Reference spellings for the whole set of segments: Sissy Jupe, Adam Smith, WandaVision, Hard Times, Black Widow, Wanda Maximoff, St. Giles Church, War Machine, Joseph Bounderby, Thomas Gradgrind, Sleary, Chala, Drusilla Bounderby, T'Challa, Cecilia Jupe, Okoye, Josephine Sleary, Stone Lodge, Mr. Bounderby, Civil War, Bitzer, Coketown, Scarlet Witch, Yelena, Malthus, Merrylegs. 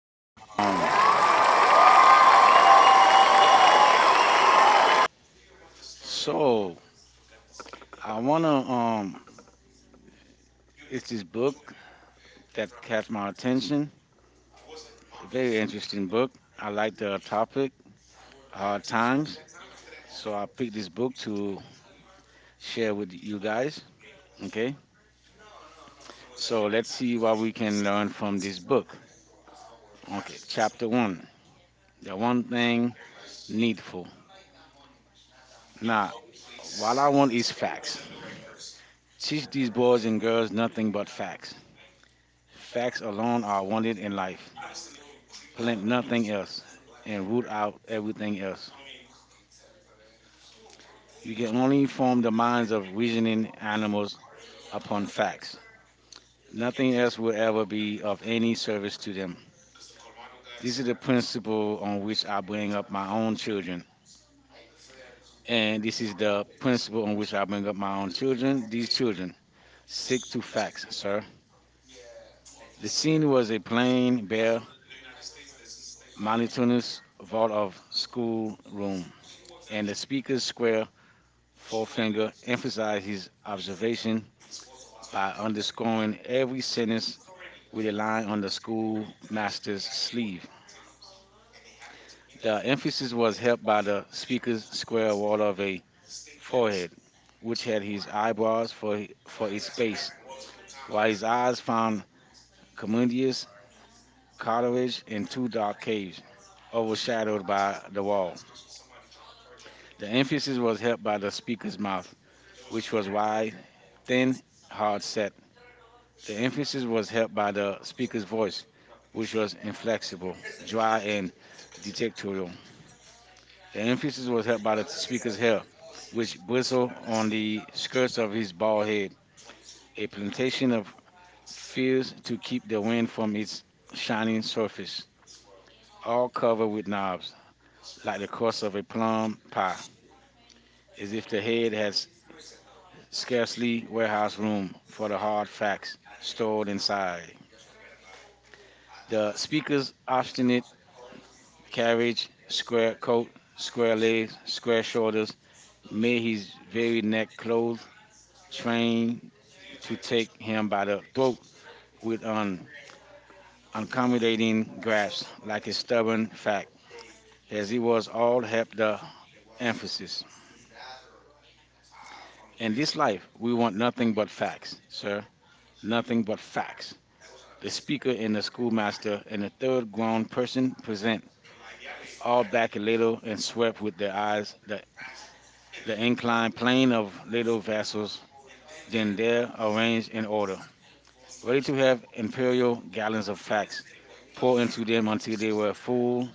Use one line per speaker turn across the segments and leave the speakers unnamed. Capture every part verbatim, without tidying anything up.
And um,
Six. Yeah.
so
I
I wanna um, it's this book that catch my attention. A very interesting book. I like the topic, hard times. So I picked this book to share with you guys. Okay. So let's see what we can learn from this book. Okay. Chapter one. The one thing needful. Now, what I want is facts. Teach these boys and girls nothing but facts. Facts alone are wanted in life. Plant nothing else, and root out everything else. You can only form the minds of reasoning animals upon facts. Nothing else will ever be of any service to them. This is the principle on which I bring up my own children. And this is the principle on which I bring up my own children. These children stick to facts, sir. The scene was a plain, bare,
don't know the United States, this is. The
monotonous
state.
vault of
School
school room, and the speaker's square
for
forefinger emphasized his observation
sports of
by
our
underscoring every sentence
already
with a line on the
that
schoolmaster's
and
sleeve.
they happen to be
The emphasis was helped by the speaker's square wall of a
the state
forehead,
force
which had his eyebrows for, for
for
its
this
base,
place multiple
while his
times.
eyes found Commodius, cartilage in two dark caves, overshadowed by
Oh
the
wow!
wall.
Somebody dropped a project
The
in
emphasis was helped by the speaker's
there.
mouth, which
Which
was
was
wide,
my
thin, hard
hard
set.
set.
The
Which
emphasis was helped by the speaker's voice,
was
which was inflexible, dry, and dictatorial. The emphasis was helped by the speaker's
it.
hair, which
Which was
bristled on the skirts of his bald head,
the
a plantation of
speed
feathers to keep the wind from its
is shined.
shining surface,
The
all covered with knobs,
speed
like the
is scratched.
crust of a plum pie,
The
as if the head had s- scarcely
speed
warehouse room for the hard facts stored inside. The speaker's obstinate carriage,
is
square coat, square legs, square
scratched.
shoulders, made his very neck clothes, trained to take him by the throat with an uncommunicating grasp, like a stubborn fact, as he was all help the emphasis. In this life, we want nothing but facts, sir, nothing but facts. The speaker and the schoolmaster and the third grown person present all back a little and swept with their eyes the the inclined plane of little vessels. Then they're arranged in order, ready to have imperial gallons of facts pour into them until they were full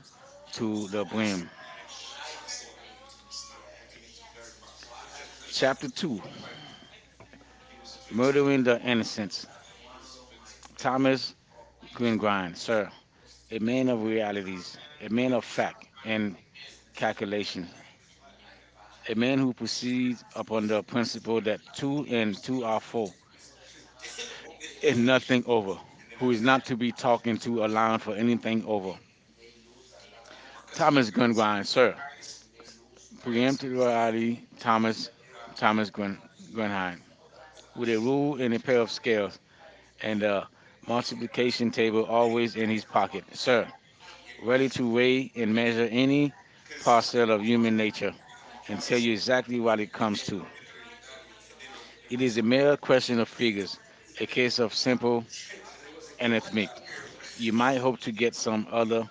to the brim. Chapter two. Murdering the Innocents. Thomas Gringrind, sir, a man of realities, a man of fact and calculation, a man who proceeds upon the principle that two and two are four and nothing over, who
Who
is
is
not to
not
be talked into allowing for anything over. Thomas Gringrind, sir, preemptively Thomas Thomas Gren, Grenheim with a rule and a pair of scales and a
multiplication.
multiplication table always in his pocket, sir, ready
Ready to
to weigh and measure any
raise us.
parcel
So
of human
yeah,
nature and tell you exactly what it
in
comes
case
to.
of
It is a mere question of figures, a
anything,
case of
you
simple arithmetic. You might hope to get some other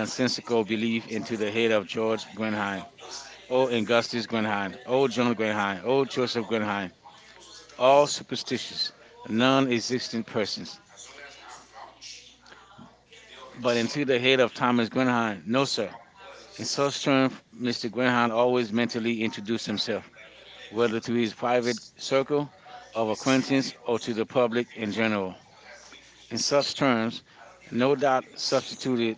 that's
belief into the head of George Grenheim, or Augustus Grenheim, or John Grenheim, or Joseph Grenheim, all
all superstition
superstitious, non existent
person.
persons. But
But
into the
it's
head of Thomas Grenhan, no, sir.
also
In
it's
such
also
stern,
trying
mister Grenhan always
to
mentally introduced
introduce itself.
himself, whether to his private circle of
Whether
acquaintance
it's autism
or
or
to
to
the
the
public
faith in
in general.
general.
In
It's
such
us trying
terms,
to
no doubt
substitute
substituted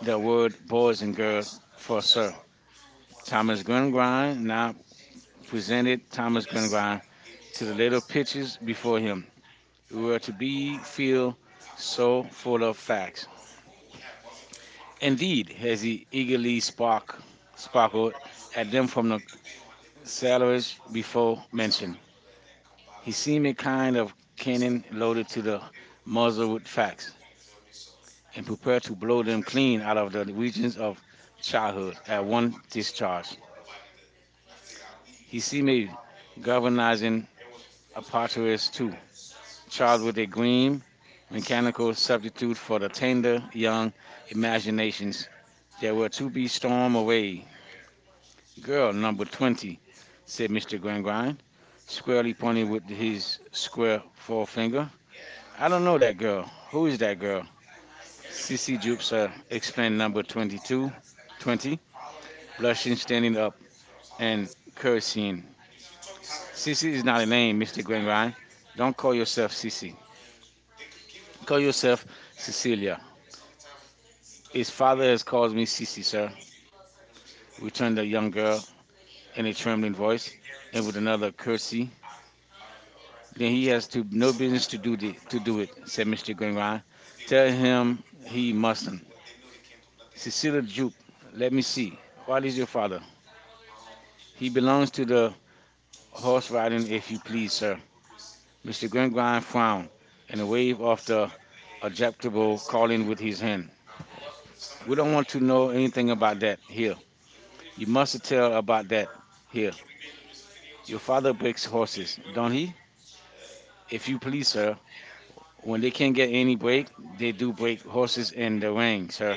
the word boys and girls
So,
for sir.
time
Thomas Grengrine now presented Thomas
is
Grengrine
body
to the little
able to attention.
pictures before him, who
You
were
are
to
to be
be feel
free, so
so full
full
of
of
facts.
fact. And
Indeed, as he eagerly
they spark,
spark,
spark
sparkled
with
at them
and
from the salvage
salaries, we
before
mention
mentioned,
the
he
fact.
seemed a kind of cannon loaded to the muzzle with facts, and prepared to blow them clean out of the regions of
Child
childhood at one
discharge.
discharge.
He
He seemed a
got
galvanizing
to
apotris too,
it,
charged
child,
with a gleam, mechanical substitute for the tender young
young.
imaginations that
They
were
were
to
to
be
start
stormed
playing
away. Girl number twenty, said
since
mister Gringrine, squarely pointing with his square
square.
forefinger. I don't know that girl. Who is that girl? Sissy
Everything you
Jupser
started
explained
explaining
number twenty-two,
twenty
twenty, blushing,
lashes
standing
and
up, and
curse.
cursing. Sissy
See the
is not a name,
name
mister
around.
Gringrine. Don't
Don't
call yourself
see.
Sissy. Call yourself
Cecilia
Cecilia. His
is
father
five
has called me Sissy,
zero
sir, returned the young girl in
and
a
it's your
trembling voice
voice.
and with another
Curse.
curtsy. Then he
They
has to
to
no business to do the to do it, said
do
mister Glenryan. Tell him he mustn't.
it.
Cecilia Jupe, let me see. What
Tell we
is your father? He belongs to the horse riding, if you please, sir. mister Glenryan frowned and waved off the objectable calling with his hand. We don't
don't
want
want
to
to
know anything about that here.
kill.
You
You
mustn't
must.
tell about that
Here.
here.
If
Your father breaks horses, don't he? If you please,
you
sir. When they can't get any break,
break,
they
they
do
do
break
break
horses
horses in
in the
the rain.
ring, sir.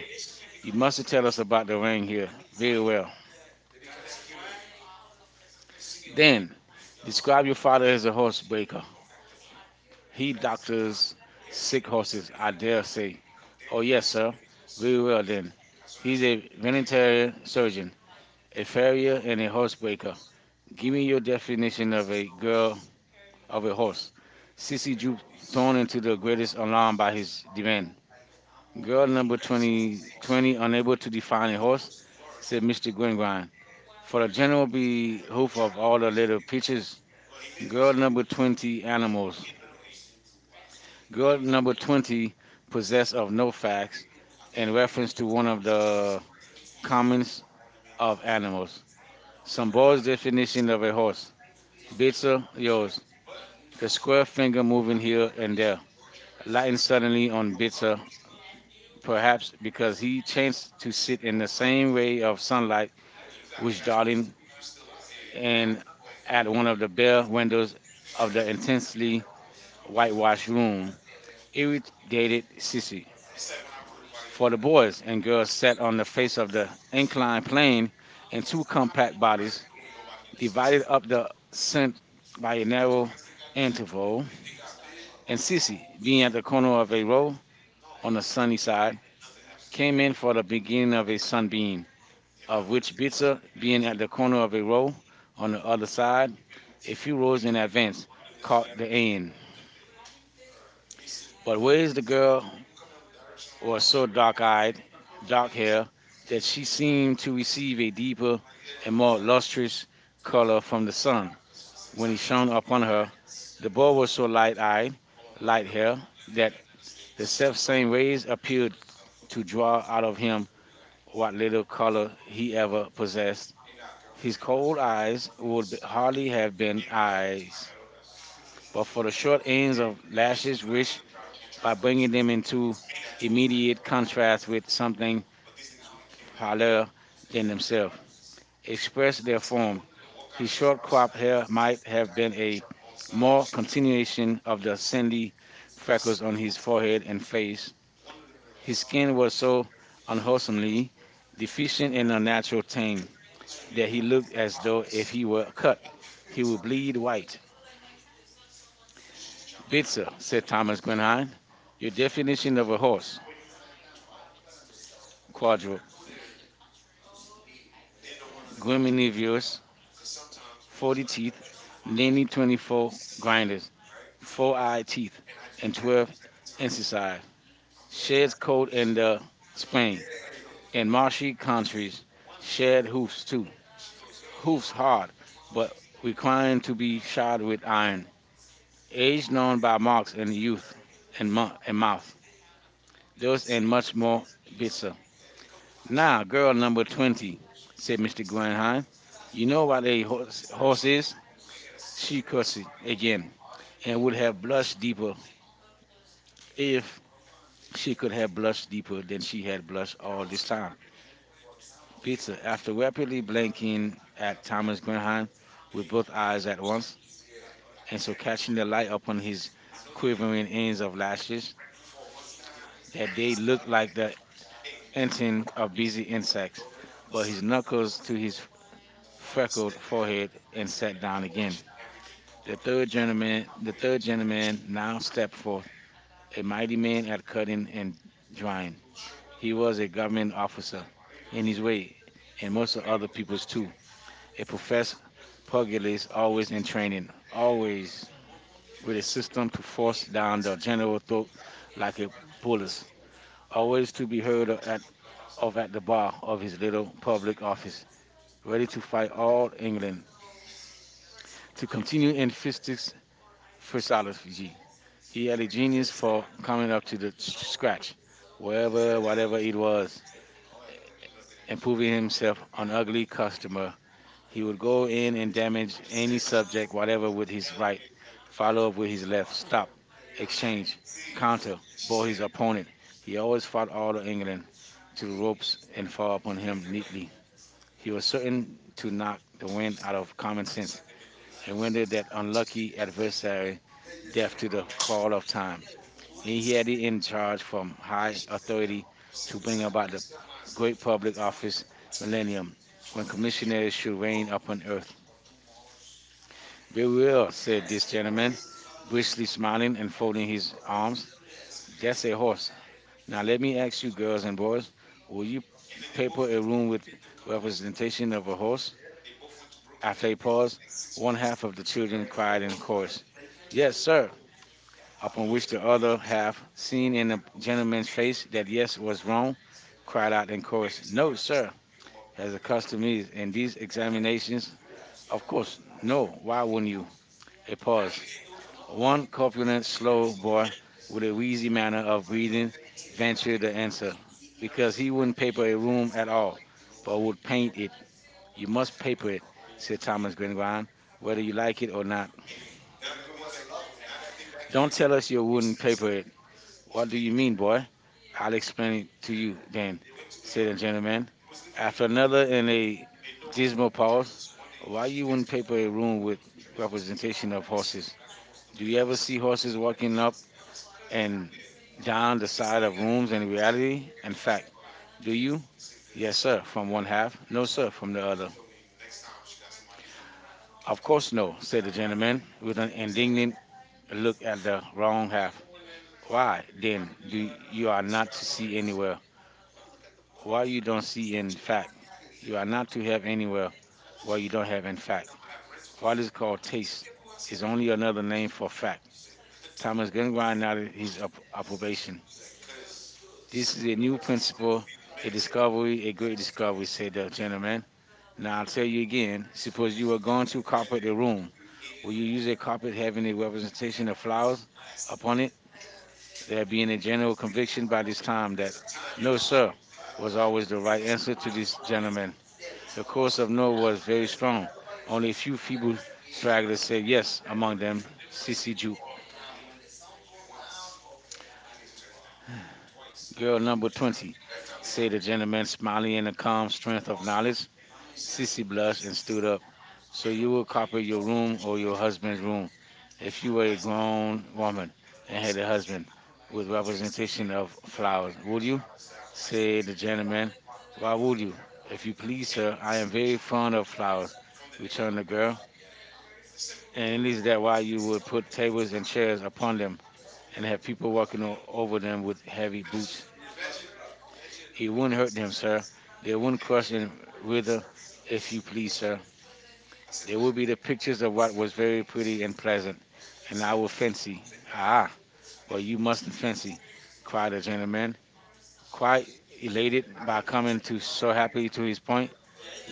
You
You
must
mustn't
tell
kill.
us about the ring here very well.
Then
Then,
it's
describe your
God.
father as a horse breaker. He
He does
doctors
this.
sick horses, I dare say. Oh,
Oh
yes,
yes,
sir. Very
sir.
well, then.
As soon
He's
as I
a veterinary
told you,
surgeon, a farrier, and a horse
it
breaker.
was
Give me your definition of a girl
well
of
of
a
a
horse.
horse. So,
Sissy drew thrown into the greatest alarm by his
even
demand. Girl number twenty twenty, unable to define a horse,
for
said mister Gringrind, for the general behoof of all the little peaches. Girl number twenty animals. Girl number twenty possessed of no facts in reference to one of the commons of animals.
uh,
Sambo's definition of a horse. Bitzer, yours. The
the
square
squad
finger
video,
moving here and
yeah,
there, lightened suddenly on Bitzer,
uh,
perhaps
perhaps
because
because he
he
changed
chanced to
to
sit
sit in
in the
the same.
same ray of sunlight
We
which
started.
darting
And- and-
in at one of the bare windows of the intensely
but
whitewashed room,
it was- it- for-
irritated Sissy.
it sent
For the boys and girls sat on the face of the inclined plane in two compact bodies, divided up the scent by a narrow
into-
interval, and
and since
Sissy, being
me
at
and
the corner of a row on the sunny side, came
came,
in for the beginning of a sunbeam, of which Bitsa, being at the corner of a row
uh,
on the other side, a
if
few
you call
rows in advance,
it,
caught the
but
end. But where is the girl or so
was
dark eyed,
down
dark
here,
hair, that she
it's
seemed to receive a deeper and more lustrous color from the sun when
when
he
it
shone
shone,
upon her. The boy was so light
I
eyed,
do like
light hair,
that
that
is
the
to.
self same rays appeared to draw out of him what little color he ever possessed. His cold eyes would be- hardly have been
Right.
eyes,
His
but for the short ends of lashes, which by bringing them into immediate contrast with something paler than himself,
It's
expressed their form. His short cropped hair might have been a
it's
more continuation of the sandy freckles on his forehead and face. His skin was so unwholesomely
deficient
deficient in a natural tang that he looked as though if he were cut, he would bleed white.
white.
Bitzer, said Thomas Grenheim, your definition of a horse. Quadro,
They don't want to.
graminivorous,
Because sometimes when
forty teeth,
forty-two
namely twenty-four
grinded,
grinders.
four
Four eye
and
teeth, and twelve
exercise,
incisive. Sheds
chest,
coat in the
swing,
spring. In marshy countries,
and
shed hoofs
chest, two.
too. Hoofs
Hoops hard,
hard, but
but we
requiring to be shod
sharp
with
line,
iron.
age,
Age known by marks in youth and,
and
mo- and mouth.
those
Those and much more
is
bitter. Now,
now.
girl number twenty, said mister Grandheim. You know what a horse,
See,
horse
you
is?
know,
She
she was
curtsied
again,
again and would have
and us
blushed
people,
deeper if
if
she
she
could have blushed deeper than
and she,
she had blushed
I
all this time.
time. Professor
Pizza, after rapidly blinking at Thomas Graham with both eyes at once, and so catching the light upon his quivering ends of lashes, that they looked like the inting of busy insects, but his knuckles to his freckled forehead and sat down again. The third gentleman the third gentleman now stepped forth, a mighty man at cutting and drying. He was a government officer in his way, and most of other people's too. A professed pugilist, always in training, always with a system to force
always.
down the general throat like a bullet, always to be heard at, of at the bar of his little public office, ready to fight all England. To continue in fistics phraseology, he had a genius for coming up to the s- scratch, wherever, whatever it was, and proving himself an ugly customer. He would go in and damage any subject, whatever, with his right, follow up with his left, stop, exchange, counter, bore his opponent. He always fought all of England to the ropes and fall upon him neatly. He was certain to knock the wind out of common sense and render that unlucky adversary deaf to the call of time. He had it
Yeah.
in charge from high authority to bring about the great public office millennium when commissioners should reign upon earth. We will, said this gentleman, briskly smiling and folding his arms. That's a horse. Now let me ask you girls and boys, will you paper a room with representation of a horse? After a pause, one half of the children cried in chorus, Yes, sir. Upon which the other half, seeing in the gentleman's face that yes was wrong, cried out in chorus, No, sir. As the custom is in these examinations, of course, no. Why wouldn't you? A pause.
One,
One
two. And
corpulent,
it's
slow boy with a
because
wheezy manner of breathing ventured the answer, because he wouldn't paper a room at
well,
all, but
we
would
pay,
paint it. You must paper it, said Thomas Gringoire, whether you like it or not. Don't
don't
tell
tell.
us you wouldn't paper it. What do you mean, boy? I'll explain it to you then,
So
said the
after
gentleman. After another and a
these
dismal pause, why you wouldn't paper a room with representation of horses? Do you ever see horses walking up
do
and
you.
down the side of rooms in reality? In fact, do you? Yes,
Yeah,
sir, from one half. No, sir, from the other.
uh,
Of course, no, said the gentleman with an indignant
look,
look at the wrong half.
what
Why,
they do,
then, do
you
you are
are
not to see
seeing,
anywhere? Why
what
you don't see in
inspired you
fact? You are
are,
not to have anywhere what
what
you
you
don't
don't
have in fact. What is
have. God
called
is
taste is
is
only
on
another name for fact.
the
Thomas
time.
Gengrind nodded his up-
This
approbation.
is
This is a new principle,
what we
a
discover,
discovery, a great discovery, said the gentleman.
now.
Now I'll tell you again,
It's what
suppose
we
you were going to carpet a room. Will you use a carpet having a
take
representation
out
of
of
flowers upon it? There being a general conviction
their
by this
Christ.
time that no,
Your son
sir, was
was
always
always
the
the
right answer
right.
to
God
this
has
gentleman. The chorus of no was very
not
strong. Only a
only
few feeble
tried.
stragglers said
Imagine,
yes, among them Sissy
imagine
Jupe, girl number twenty, said the gentleman, smiling in the calm strength of knowledge. Sissy blushed and stood up. So you would carpet your room or your husband's room if you were a grown woman and had a husband with representation of flowers, would you? Said the gentleman. Why would you? If you please, sir, I am very fond of flowers, returned the girl. And is that why you would put tables and chairs upon them and have people walking o- over them with heavy boots? It wouldn't hurt them, sir. They wouldn't crush and wither,
with
if you please, sir. There will
if I
be the pictures of what was very pretty and
said,
pleasant,
I
and I
said,
will fancy.
man, I, I
Ah, well, you mustn't fancy, cried
know
the
you
gentleman, quite
five, five,
elated
I
by
come
coming to so happily to his
to
point.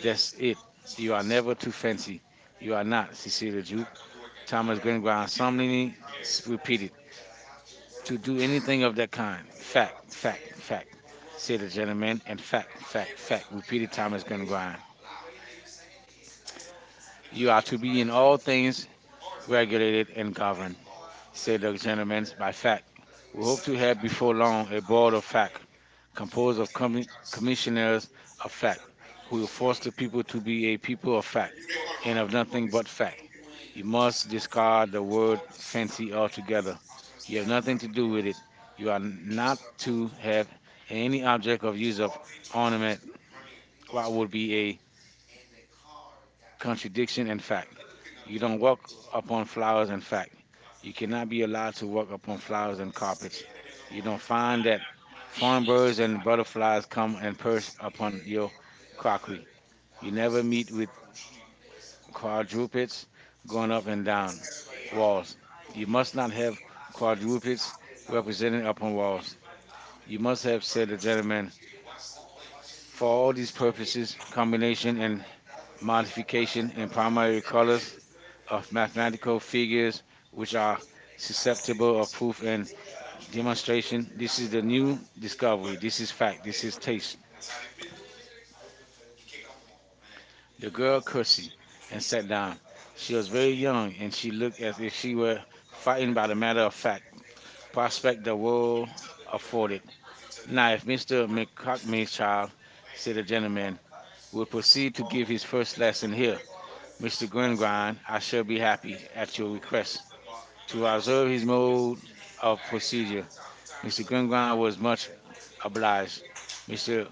That's
this city,
it.
you
You
are
are
there,
never too fancy. You
you are
are not,
sitting,
Cecilia
you
Jupe.
gotta come to work at time of
Thomas
day, but
Gringoire
I'm still
solemnly s-
here,
repeated,
people, to
to
do
do
anything
anything
of
of that
that fact,
kind. Fact,
fact, fact,
fact, fact,
see,
said the gentleman, and
fact,
fact, fact,
fact,
fact,
fact,
repeated Thomas
people,
Gringoire.
you
You are
are to
to be in all
do
things
all. Right
regulated and
now,
governed.
say,
Said the gentleman by
go
fact. We hope to have before long a board of fact
to
composed of commi-
that commission
commissioners of
of
fact
fact,
who
who
will
is
force
forced to.
the people to be a people of fact
You
and of
don't.
nothing but fact. You must discard the word fancy altogether. You have nothing to do with it. You are not to have any object of use of ornament, what would be a contradiction in fact. You don't walk upon flowers and fact. You cannot be allowed to walk upon flowers and carpets. You don't find that foreign birds and butterflies come and perch upon your crockery. You never meet with quadrupeds going up and down walls. You must not have quadrupeds represented upon walls. You must have, said the gentleman, for
You
all these
can.
purposes, combination and
Modification
modification in
permitted
primary colors of
of
mathematical
the fees
figures which
which
are
are susceptible
susceptible of
to
proof and
much
demonstration. This is the new discovery.
discovery,
This
this
is
is
fact.
back,
This
this
is
is this.
taste. The
Your girl,
girl curtsied and
and said,
sat down. She was
she'll,
very young and she looked as if
she
she were
will
frightened by
find
the matter of fact. Prospect
prospect
the world afforded.
of a
Now,
knife.
if mister McCockney's child, said the gentleman, will
We'll proceed to
proceed
give
to give his first lesson here,
look,
mister
mister Greenbrier,
Gringrind, I
I
shall
should be
be
happy
happy,
that
at
you
your
were
request,
present.
to
That was
observe
it.
his mode
Oh,
of
Mr.
procedure. mister
Mr.
Gringrind
Greenbrier
was
was going
much
to
obliged.
mister
mister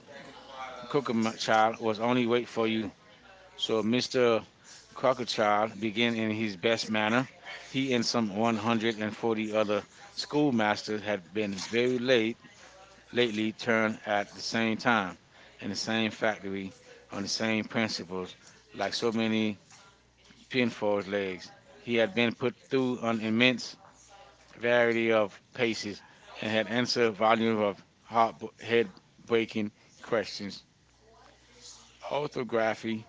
Cook
Crookerchild
a
was only wait for
for you.
you.
So
So
mister
mister
Cook
Crookerchild
again
began in his
in
best
Grant's time,
manner.
he
He and
and
some one hundred forty other
schoolmaster
schoolmasters
had
had
been
been very
very late,
late
lately
lately
returned
turned
at
at
the
the same
same time,
time
in
in the
the
same
same faculty,
factory on
on
the
the same
same
principle,
principles
like
like so
social.
many pinfold legs. He
He had
had
been
been put through an immense variety of
patient
paces and had
and answer
answered a
Rodney
volume of
head-breaking
head-breaking
question.
questions.
Orthography,
Orthography,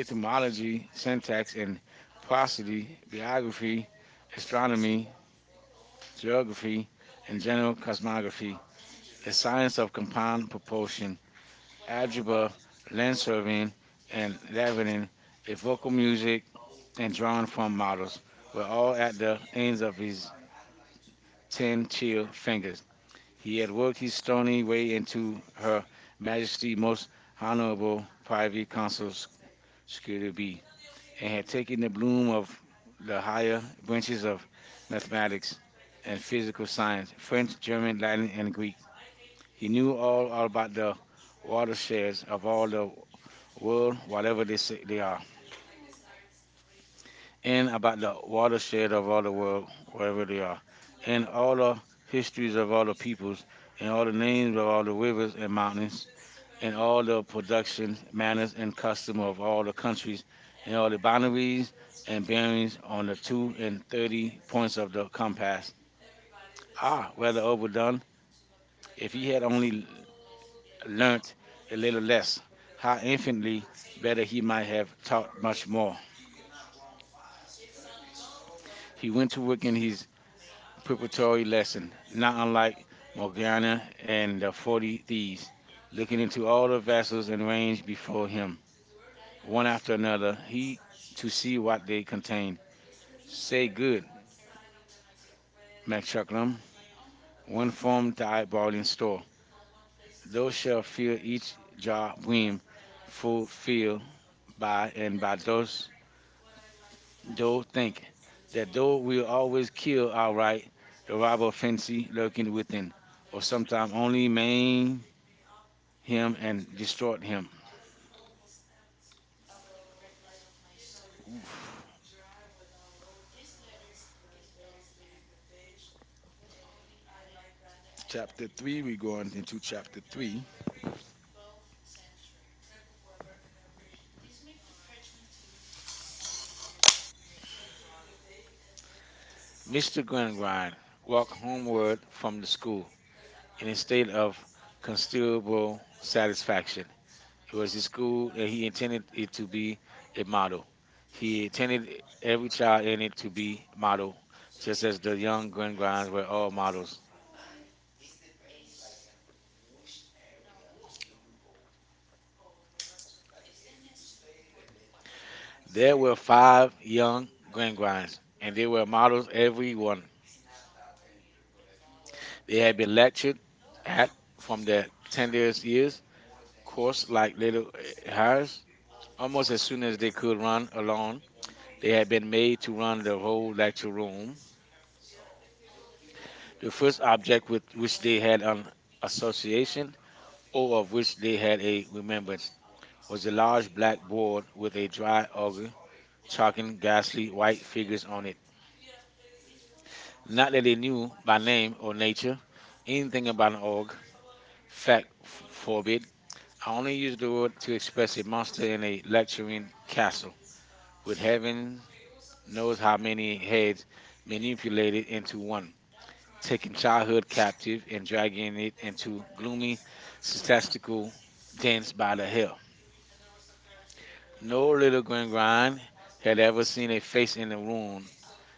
is
syntax, and
possible
prosody,
geography,
biography,
astronomy,
astronomy, geography, and
geography,
general cosmography, the
the science,
science of compound proportion,
algebra,
algebra, land
and
surveying, and
examining
leavening, a
if
vocal music, and
think
drawing from models
models
were
were
all
all at
at
the
the ends
ends of
of
his
his
ten
ten
clear
chill
fingers.
fingers. He
He had
had worked
worked his
his
stone
stony way into
her
Her Majesty
majesty
Most Honorable Privy
private
Council Secretary
security,
B, and had
and
taken the bloom of
the
the
higher
higher branches of
mathematics
mathematics
and
and
physics.
physical science, French, German, Latin, and Greek. He
He knew
knew all about the
water
watersheds of all the
was
world, whatever they say they are,
and
and about the watershed of all the world, wherever they are, and
and
all the histories of all the peoples,
and
and all the
all
names of all the rivers and mountains, and
and all
all the
production
productions, manners
manners
and custom of all the countries
and
and
all
all
the
the boundaries
balance and
and
then
bearings on the two and
thirty
thirty points of the
class.
compass.
How
Ah, rather overdone.
if
If
he
he had
had
only
learned
learnt a
and
little
little
less,
how
how
infinitely
infinitely
better
better he
he
might have
taught
taught much
much more.
more. He went to work in his preparatory
He
lesson, not unlike
Morgana,
Morgana
and
and
the
the
forty
forty
Thieves
thieves,
began
looking into all the vessels and range before him
one
one
after
after another, he to
to see
see
me,
what they contain. Say
save me,
good,
measure
McChucklam,
one.
one from the eyeballing store.
Those
Those shall
shelters,
fill each jar
jobs,
brim full
fulfilled
filled
by
by and by those
those
though think
things
that
that
though will always kill outright the robber fancy lurking within,
arrival
or
was something
sometime only
man
maim him and
destroyed.
distort him.
Chapter
Chapter three, we going
two,
into
chapter
chapter
three.
three.
mister
mister Gringride walked
Walker
homeward
from
from
the
the
school
school.
and
In
he
a
stayed
state of
consistently
considerable
said
satisfaction. It
it
was
was
a
his school.
school that he intended it to
It,
be a model. He
he
intended
every
every child in it to
the
be
model
model, just
just
as
um
the young Glen
they
were
were
all
going
models. There were five young Glen and they were models every one. They
and
had
they,
been lectured
they
at
have from
from
the
their
ten
tenderest years, course
course
like little eh,
in ours
hares. Almost
almost as
as
soon
soon as they could run alone,
as they
they had
had
been made to run the whole lecture room. The
finished
first object with which they
they
had
had
an association,
a
or
over
of which they had a remembrance,
was
was a
the
large black board with a dry auger
which are
chalking ghastly white figures on it. Not
not
that they knew by name
by
or
nature.
nature
In
anything about an org, fact
fact,
f-
phobia
forbid. I
only
only
is
use the word to express
expressed
a monster in a
in
lecturing
cast
castle, with
with
heaven
no
knows how many heads
many
manipulated into one.
taking
Taking childhood captive and dragging it into
gloomy
gloomy,
step,
statistical
then
dens by the hill.
no
No little Gringrand had
head
ever seen a face in the room.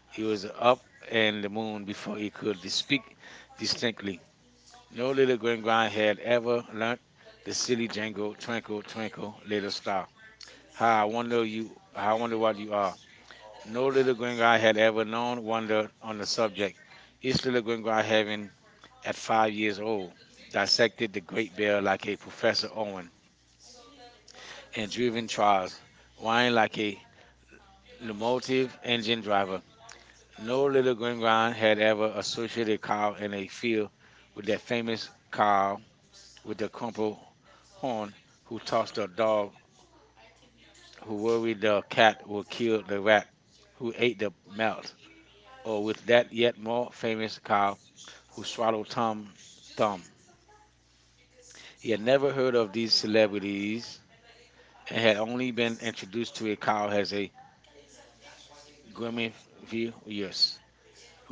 He
you
was up in the moon
and
before
before
he
you
could
speak
speak
distinct.
distinctly. No
No
little Gringrand had ever learnt the
is
silly jingle,
triangle,
twinkle,
triangle,
twinkle,
let
little
us
star.
stop.
How I
How,
wonder you, how I wonder
how,
what you are.
no
No
on
little Gringrand had ever known wonder on
the
the
subject
subject. Each
is
little
by
Gringrand
having,
having
at
at
five
five years
years old,
old,
dissected
dissected the
the grape
Great
pear
Bear
like
like
a
a
professor
Professor
Owen
Owen,
and
and
driven
driven
trials,
trials,
wine
whined
like
like
a
a
multi
locomotive
engine
engine
driver.
driver.
No
No
little
little
Grand Milan
Gringon
had
had
ever
ever
pursued
associated
the
a
cow
cow
in
in
a
a
field
field
with
with
that
that
famous
famous
cow
cow
with
with the
the crumpled
crumpled
horn
horn
who
who tossed
tossed a
the
dog
dog,
who
who
worried
worried
the
the
cat
cat would kill
killed the
the rat,
rat who
who
ate
ate
the
the
mouse,
mouse,
or
or
with
with
that
that yet
all
more famous
famous cow
cow
who
who
swallowed
swallowed
his own
Tom
thumb.
Thumb. He
He
had
had never
never heard
heard of
of these
these celebrities
celebrities
and
and had
had only
only
been
been
introduced
introduced
to
to a
in
cow
college as
as a
a women
gramivores,
years,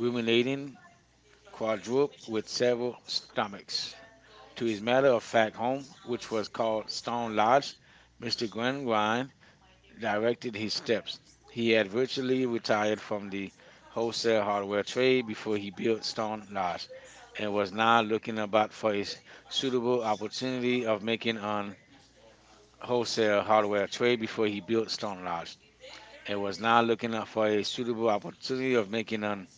women rating quadruples
quadruped with
with several
several stomachs.
stunts. To
To his
his matter of
matter-of-fact
fact,
home,
which
which was
was called
called
Stone
Stone Lodge,
Lodge, mister
mister
Glenn Vine
Glenrhine
directed
directed his
his
steps.
steps.
He
He had
had
originally
virtually retired
retired from
from
the
the wholesale
wholesale hardware
hardware
trade
trade
before
before he
he
built
built Stone
Stone
Lodge
Lodge,
and
and was
was
now
now looking
looking
about
about
for
for
a
a
suitable
suitable
opportunity
opportunity
of
of making
making
an
money.
wholesale
Wholesale hardware
hardware trade
trade
before
before he
he built
built Stone
Stone Lodge.
House and
And
was
was now
now looking
looking out
out for
for
a
a
suitable
suitable opportunity
opportunity of
of
making
making
a
an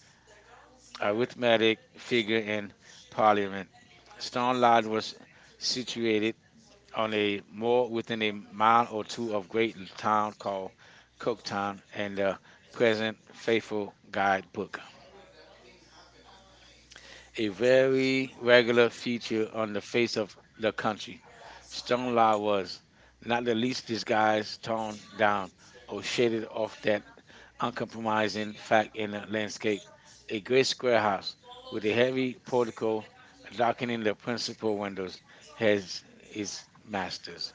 arithmetic
arithmetic figure
figure in
in
Parliament.
Parliament.
Stone
Stone Lodge
Lodge
was
is situated
situated
on
on
a
a
moor
moor
within
within a
a mile
mile or
or two
two
of
of
a great
great
town
town called
called Cooktown
Cooktown
and
and
the
the
present
present
faithful
faithful
guide
guidebook,
a
a
very
very
regular
regular
feature
feature
on
on
the
the face
face of
of the
the country.
country.
Stone
Stone Lodge
hours,
was not
not
the
the
least
least of the guys
disguised,
thrown
toned
down
down,
or
or
shaded
shaded
off
off that
their uncompromising
uncompromising fact
family
in
the
the
next
landscape.
day. A
A
great
great square
square house
house with
with a
a
heavy
heavy
portico
portico
darkening
darkening
the
the
principal
principal
windows
windows
as
has its
his master.
masters.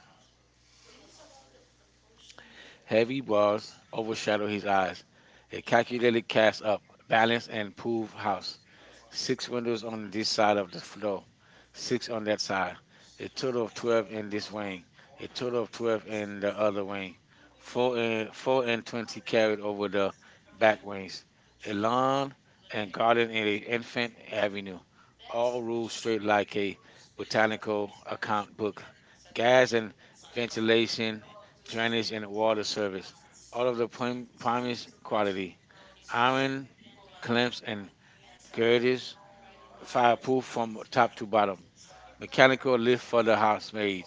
Heavy
Heavy
bars
bars
overshadow
overshadowing
his eyes.
eyes. A
A
calculated
calculated cast
glass
up, balanced
balanced
and
roof
proved house.
house.
Six
Six
windows
windows on
on this
this side
side
of
of the
the floor,
floor,
six
six
on
on
that
that side,
side.
a
A
total
total of
of
twelve
twelve
in
in
this
this
wing,
wing, a
a
total
total
of
of
twelve
twelve in
in the
the other.
other wing,
Four
four
and
and,
four
four
and
and
twenty
twenty carried
carried
over
with the
the back wings,
backwards. A
a
long
lawn
and
and
guarded
garden in the
in the frame
infant
of avenue.
avenue, all
All with
ruled
street
straight like
lighting,
a
botanical
botanical
account
account book,
gas,
gas and
ventilation,
ventilation,
drainage,
drainage and
and
water
water sewage.
service, all
All of
of the
the
prim- promised
promised quality.
quality,
Iron,
iron clamps
clamps,
and
girded,
girders
fiber
fireproof
from
from top
top to
to
bottom.
bottom.
Mechanical
Mechanical lift
lift for
for
the
the
house made.
housemaid,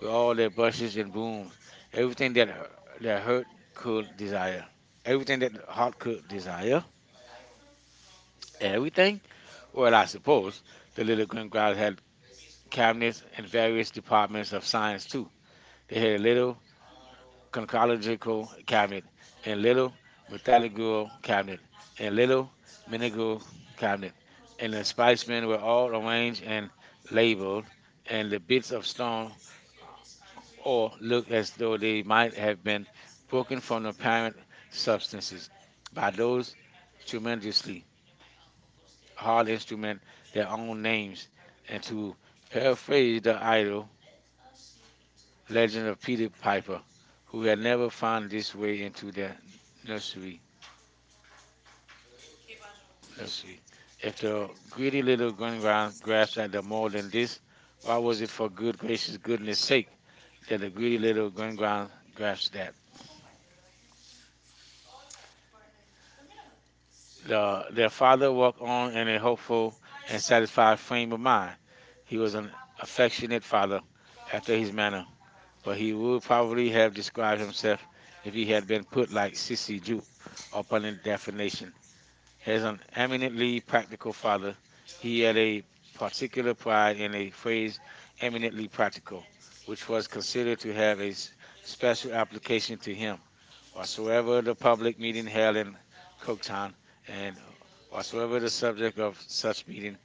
with all their
that much
brushes
is
and
wound.
brooms,
Everything
everything that
that,
her,
that
that
hurt
hurt
could
could
desire.
desire, everything
Everything
that
that
the
a heart
heart could
desire.
desire,
And everything.
everything. Well,
What
I
I suppose.
suppose the
The
little
little
grim
group got
crowd had cabinets in various
various
departments
departments of
of science
science.
too. They
They
had
had
a little
Concados and
Concological Cabinet, and
Little
Little
Botanic
Methodical
Grove
Cabinet, and
and Little
Little
Botanical
Minigal
County,
Cabinet, and
and
the
in spice
specimens were
with all
all arranged and
manner of labor,
labeled,
and
and the
the
bits
beats of
of stone
songs,
uh,
or
or
look
looked as
as
though
though they
they
might
might have been
be spoken
broken
from
from the
the
parent
parent substance
substances
by
by those
those tremendous
tremendously hard
hard instruments,
instruments
their
their
own
own
names,
names,
and
and
to
to paraphrase
paraphrase the
the
item
idol
let
legend
it
of
be the
Peter
Bible.
Piper, who
We
had
have never
never
found
found
this
his way
way to
into
the
the
nursery.
nursery.
nursery.
Nursery. If
After
the greedy
reading it
little
on the ground,
grunground grasped
grasping
at the
the
more
mold of
than
this,
this,
why
why
was
was it
it
for
for
good
goodness,
gracious
goodness
goodness
sake?
sake that
Because
the
the
greedy
reading it on
little
the ground,
grunground
grasped
grasped at?
it. The,
The, their
that father
father
was
walked
warm
on in
and
a
helpful
hopeful
and
and satisfied
steadfast in
frame of
human mind.
mind. He
He
was
was an
an affectionate
affectionate father
father after
after his
his
manner,
manner,
but
but he
he knew
would
poverty
probably
had
have
supplied
described
himself
himself if
if he
he
had
had
been
been
put
put
back
like
to
Sissy
sixty-two
Jupe
upon
upon
that definition.
definition as
As an
an eminently
eminently
practical
practical father,
father, he
he
had
had a
a
particular
particular pride
pride in
in
the
a phrase
phrase
eminently
eminently practical,
practical,
which
which was
was considered
considered
to
to
have
have a
a
s-
s- special
special application
application
to
to him.
him. Whatsoever
Whatsoever
the public meeting held in
could
Coketown, and
and
whatsoever
whatsoever
the subject of such
such
meeting,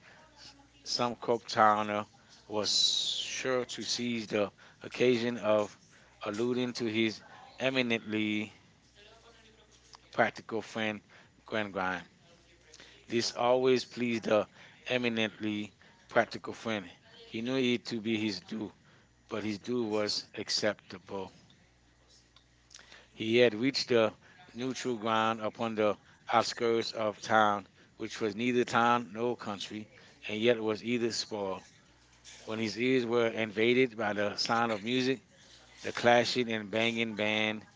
some
some Coketowner was
was sure
sure to
to see
seize the occasion of
a Louis
alluding to his
eminent
eminently
practical
practical
friend
friend
Granville.
Glengarry. This
This
always pleased the
eminent
eminently
practical,
practical friend. He
he knew
knew it to be his
his
due, but his due was
was acceptable.
acceptable. He
He had
had reached the
neutral
neutral
ground
ground upon the outskirts of town, which was neither town nor
country,
country, and
and yet
yet was either spoil.
when
When
he's
his ears were invaded by the
on
sound
the
of
music,
music, the
the class
clashing and
name
banging
band
band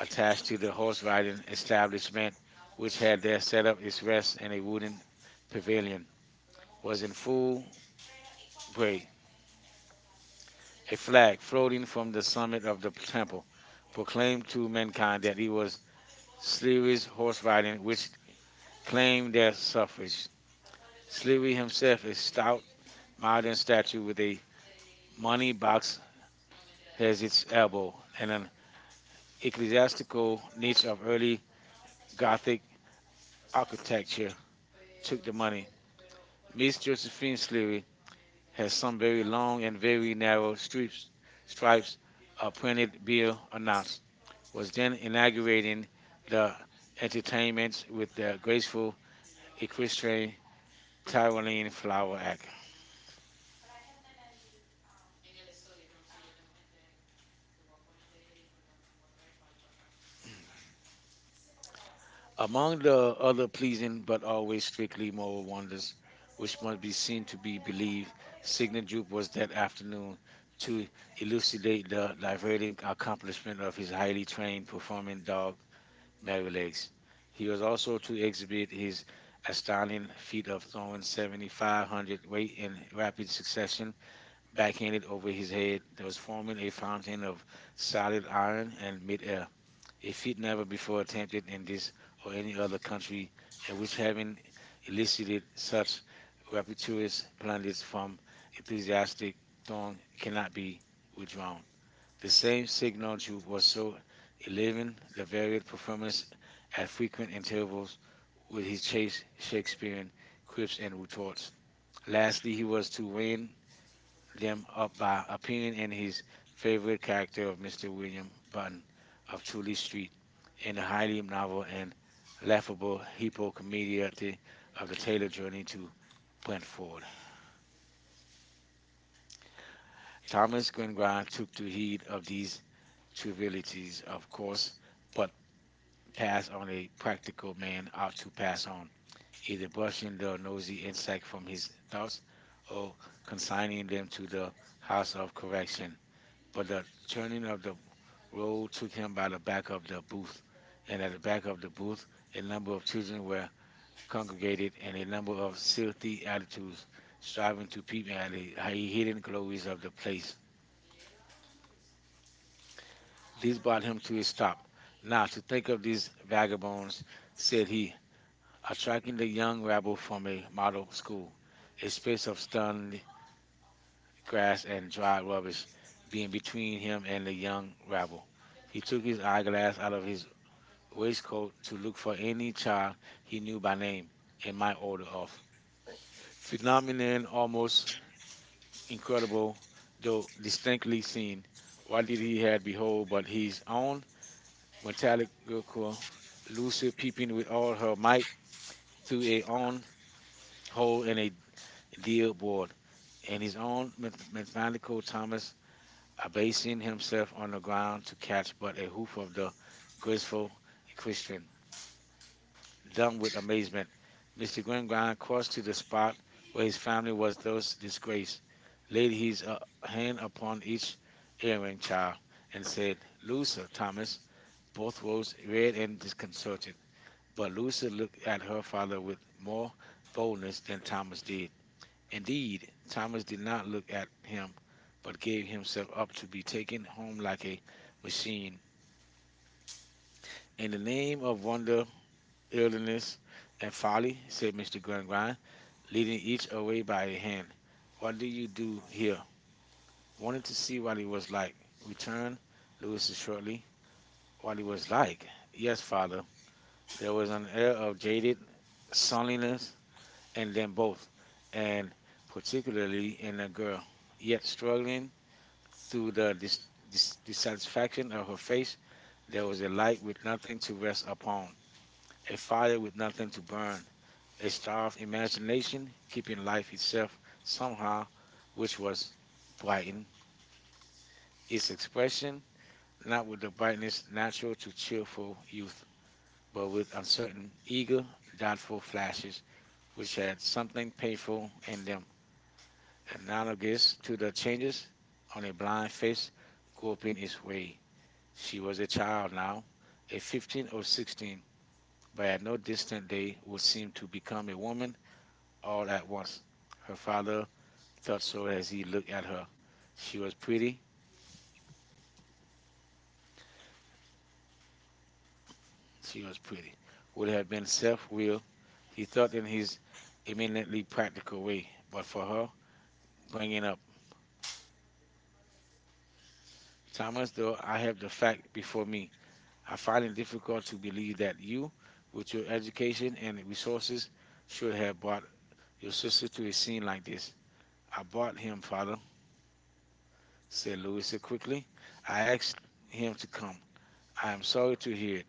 attached
attached to
to the
the
horse
horse ride,
riding establishment, which
which had
had there set up its rest in a wooden pavilion, was in
was
full way,
praised.
a flag floating from the summit of the
Temple.
temple, proclaimed to mankind that he was
Sleep,
Sleary's horse riding, which
clean,
claimed their suffrage.
sleep,
Sleary himself, a
stout,
stout, modern
modern state,
statue with a money
money,
box at its elbow and
and then
an
it could,
ecclesiastical niche of
these
early
got
Gothic
out,
architecture, took
took
the
the money.
money. Miss
Miss
Josephine
Josephine Slade,
Sleary has some very long and very narrow stripes,
stripes,
stripes a
uh, printed,
printed bill announced, was
was then
then inaugurating
the,
the
it is
entertainments with the
graceful,
graceful
equestrian,
equestrian Tyrolean
Taiwanese
flower
flower,
act.
and up
Among the other pleasing but
with
always
Street.
strictly moral wonders,
This
which
one
must
be
be
to
seen to be
be
believed,
believed,
Signet
signature.
Jupe was that afternoon
He
to
lived
elucidate the diverting
with his
accomplishment
friend
of his highly trained performing
dog.
dog, Merrylegs. He
He
was
was also
also to exhibit his
raised at Stockton
astounding feat of throwing
one hundred seventy.
seven thousand five hundred weight in rapid succession backhanded over his head that
It
was
was
forming a
formerly from
fountain of
South,
solid iron and mid-air, a
a
feat
Phoenix,
never before attempted in this
or
or
any
any
of
other country, and which
which had
having elicited such rapturous
was
plaudits from enthusiastic throng
thrown
cannot be
which um
withdrawn. The same signal juke
was
was
so
so eleven, the varied performance
mercy had
at
food
frequent intervals
with
with
his
his
chain,
chaste
Cribs
Shakespearean quips and
and
retorts.
torch.
Lastly, he was to win them up by appearing
Opinion
in his favorite character of mister William Button
of
of Tully
Tukey Street,
Street in
and
the highly novel and
I left
laughable Hippo
me
Comediante of
of
the
the tape
Taylor Journey
to
to
put forward
Brentford. Thomas Glengrand took to heed of these trivialities,
these, of
of course,
course,
but passed on a practical
impractical
man out
man to
to pass on, either
either
brushing the nosy
see
insect
his
from his
thoughts
thoughts
or
or consigning them to the House of
action.
Correction. But
But the
the
attorney
turning of the
wrote
road took him by the back of the booth,
and
and at the
a
back of the booth, a number of children were
congregation
congregated in a number of
of sealed
silty attitudes,
striving
striving
to
to
take
peep at the hi- hidden glories of the
the
place.
place.
This
These
brought him
to
to
be
a stop.
stopped,
Now, to think of these
not
vagabonds, said
say,
he,
attract,
attracting the young rabble from a model school, a space
express
of stunned grass and dry rubbish being
being between.
between him and the young rabble. He
He
took
took
his eyeglass out of his
what
waistcoat to look for any child he
he knew
knew by name and
and my
might order off. Phenomenon almost
feelings incredible.
incredible, though
The distinct
distinctly seen. What
body
did he had behold but his own
went
metallic
out
girl,
looked
Lucy peeping with all her might
through
through a
a
own
hole
hole in a
deep
deal board, and
in
his
his
own math- mathematical Thomas abasing himself on the ground to catch but a hoof of the
graceful
graceful
and Christian.
equestrian.
Down,
Dumb with amazement. mister
mister
Glengarn
Grimes
crossed to
to
the
the spot
spot where
where
his
his
family was thus
purpose is greatest.
disgraced, laid his uh, hand upon
Each
each
hearing,
erring child, and said, Lucy,
losing
Thomas. Both rose
particularly
red and disconcerted, but Lucy looked at her father with more boldness than Thomas did. Indeed, Thomas did not look at him, but gave himself up to be taken home like a machine. In the name of wonder, illness, and folly, said mister Glengarn, leading each away by a hand. What do you do here? Wanted to see what it was like. Returned Louis shortly. What it was like? Yes, father. There was an air of jaded sulliness in them both, and particularly
in
in
a
the
girl.
girl.
He had
Yet
struggling
struggling
through
through the dis-
this,
dis-
this, this,
dissatisfaction of her face,
there
there was a light with nothing to rest upon, a
at five
fire with nothing
years
to
behind,
burn.
they
A starved
started
imagination,
keeping
keeping life
themselves
itself
some,
somehow, which
which
was
was why?
brighten its
It's
expression, not with the brightness natural to
the children,
cheerful
the youth,
youth,
but
but with uncertain,
eager
eager,
that
doubtful flashes, which
which
had
has
something painful in
them
them, analogous to the changes on a blind
on
face
a
groping
good
its
way.
way.
She
She was
was
a child now,
a
a fifteen or sixteen, but at
bad
no
distant
distant day
would
would
see
seem
them
to become a woman
all
all
that
at once.
was
Her
her father
father
thought
thought
so.
so as he looked at her.
She
She
was
was pretty.
she
She
was
was pretty. Would
pretty.
have been self will,
He
he
thought
thought in his eminently practical way, but
it
for her,
bring in
bringing up. Thomas, though I have the fact before me, I find it difficult to believe that you, with your education and resources,
should
should have brought
your
your
sister
sister
to
to
be
a
seen.
scene like this. I brought him, father,
See,
said Louisa
I
quickly. I asked
him
him
to
to come. I'm sorry to hear it.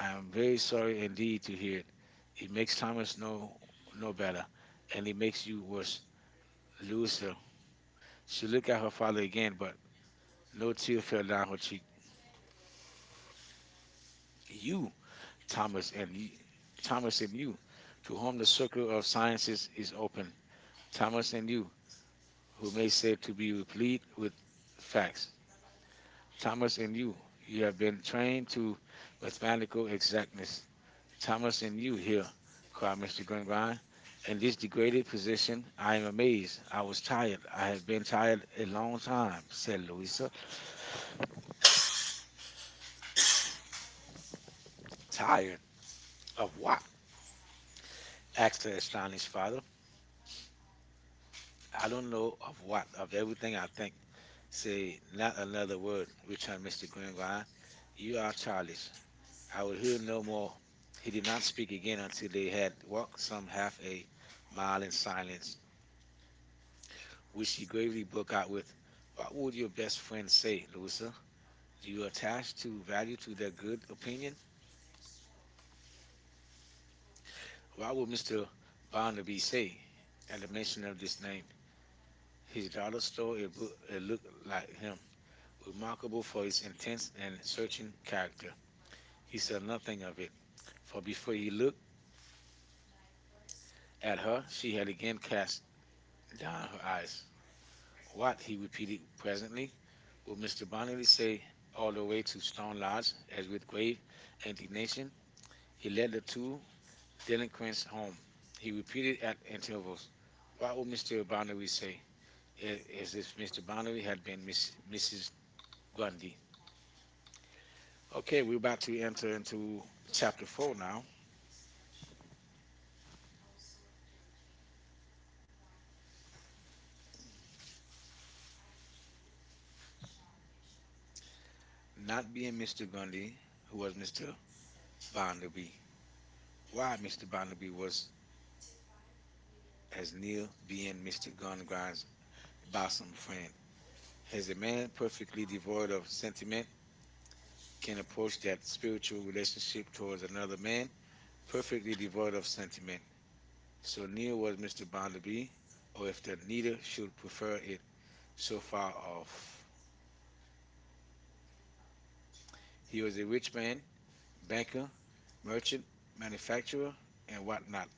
I'm very sorry indeed to hear it.
he
It makes
makes time
Thomas no
no
no
better
better, and it makes you worse,
course, lose.
Louisa. She
Should
looked at her father again, but no tear fell down her cheek.
you
You, Thomas, and you, Thomas
Thomas
and you,
to
to
home
whom
the
the
suit
circle of sciences is open.
Thomas
Thomas and you, who may say to be replete with
facts
facts. Thomas
Thomas
and you,
you
you
have
have been trained to
mathematics
mathematical exactness.
Thomas
Thomas and you here, cried
requirements.
mister Glengrand.
And
In this
this,
degraded position, I am amazed.
I
I was
was telling
tired.
him,
I have been tired a long time,
he said,
said
"Look, this
Louisa.
I'm tired
Tired
of
of what? Asked
asking
the
his
astonished
honest father.
father.
I
I
don't
don't
know
know of what, of
anything.
everything
I
I think.
think. Say,
Say not another word,
you trying to
returned
make
mister
me clear why
Glengrand.
you
You
are
are childish.
childish. I
I
would
will hear
no
no
more."
more.
He
He did
did not
not
speak
speak
again
again until
until they
they
had
had
walked
walked
some
some
half
half
a
a
mile
mile
in
in silence,
silence, which
which
he
he
could.
gravely broke out with,
What
what
would
would your
your
best
best friend
friend
say?
say,
Son,
Louisa?
do you
You
attach
attach
to
to
value
value
to
to
that
their good
opinion?
opinion?
Why
What
would
would
mister
mister
Bonner be
Barnaby
saying
say
at
at
the
the mention
mention of
of
this
this
name,
name?
his
His daughter
daughter's
stole
story
a book
and
that
look
looked
at
like
him
him,
with
remarkable
remarkable for
for his
his
intense
intense and
and
searching
searching
character?
character.
He
He
said
said
nothing
nothing
of
of it,
it, for
for
before
before
he
he looked
had
at
her,
her,
she
she
had
had again
against
cast down
Don
her
eyes.
eyes.
What?
What,
He
he
repeated
repeated
presently.
presently, will
Would mister
mister
Bonner
Barnaby
say
say
all
all
the
the
way
way
to
to
Stone
Stone
Lodge
Lodge,
as
as
with
with
grave
grave
indignation?
indignation
He
he led the two delinquents
delinquents home.
home.
He
He
repeated
repeated at
because
intervals. What
Baomi
would
mister
mister
Barnaby around,
Boundary
we
say i-
yeah,
if
is this
this
mister
mister
Barnaby
Boundary
had
had
been
been Miss,
Miss, missus
missus
Bundy.
Grundy?
Okay,
Okay, we're about to enter into chapter
chapter
four now.
not
Not
be
being
mister
mister
Bundy,
Grundy, who
who was
was
mister
mister
Barnaby.
Boundary.
Why
Why
mister
mister Boundary
Barnaby was
was as
as
near
being
being
mister
mister
Barnaby's
Gungran's
boss
bosom friend.
friend, as
Has a man perfectly
a part
devoid
of
of
sentiment
sentiment
can
can
approach
approach
that
that spiritual
relationship
relationship
to
towards another
a man
man
perfectly
perfectly
part
devoid
of
of sentiment?
sentiment. So
So
now
near
what
was mister
mister Barnaby,
Bounderby,
or
or
if
if
the
the
leader
neither
that you
should
prefer
prefer it,
so
so
far,
far off.
he
He
was
was
a
a rich man,
banker,
banker,
merchant,
merchant,
manufacturer,
manufacturer,
and
and
what
what not.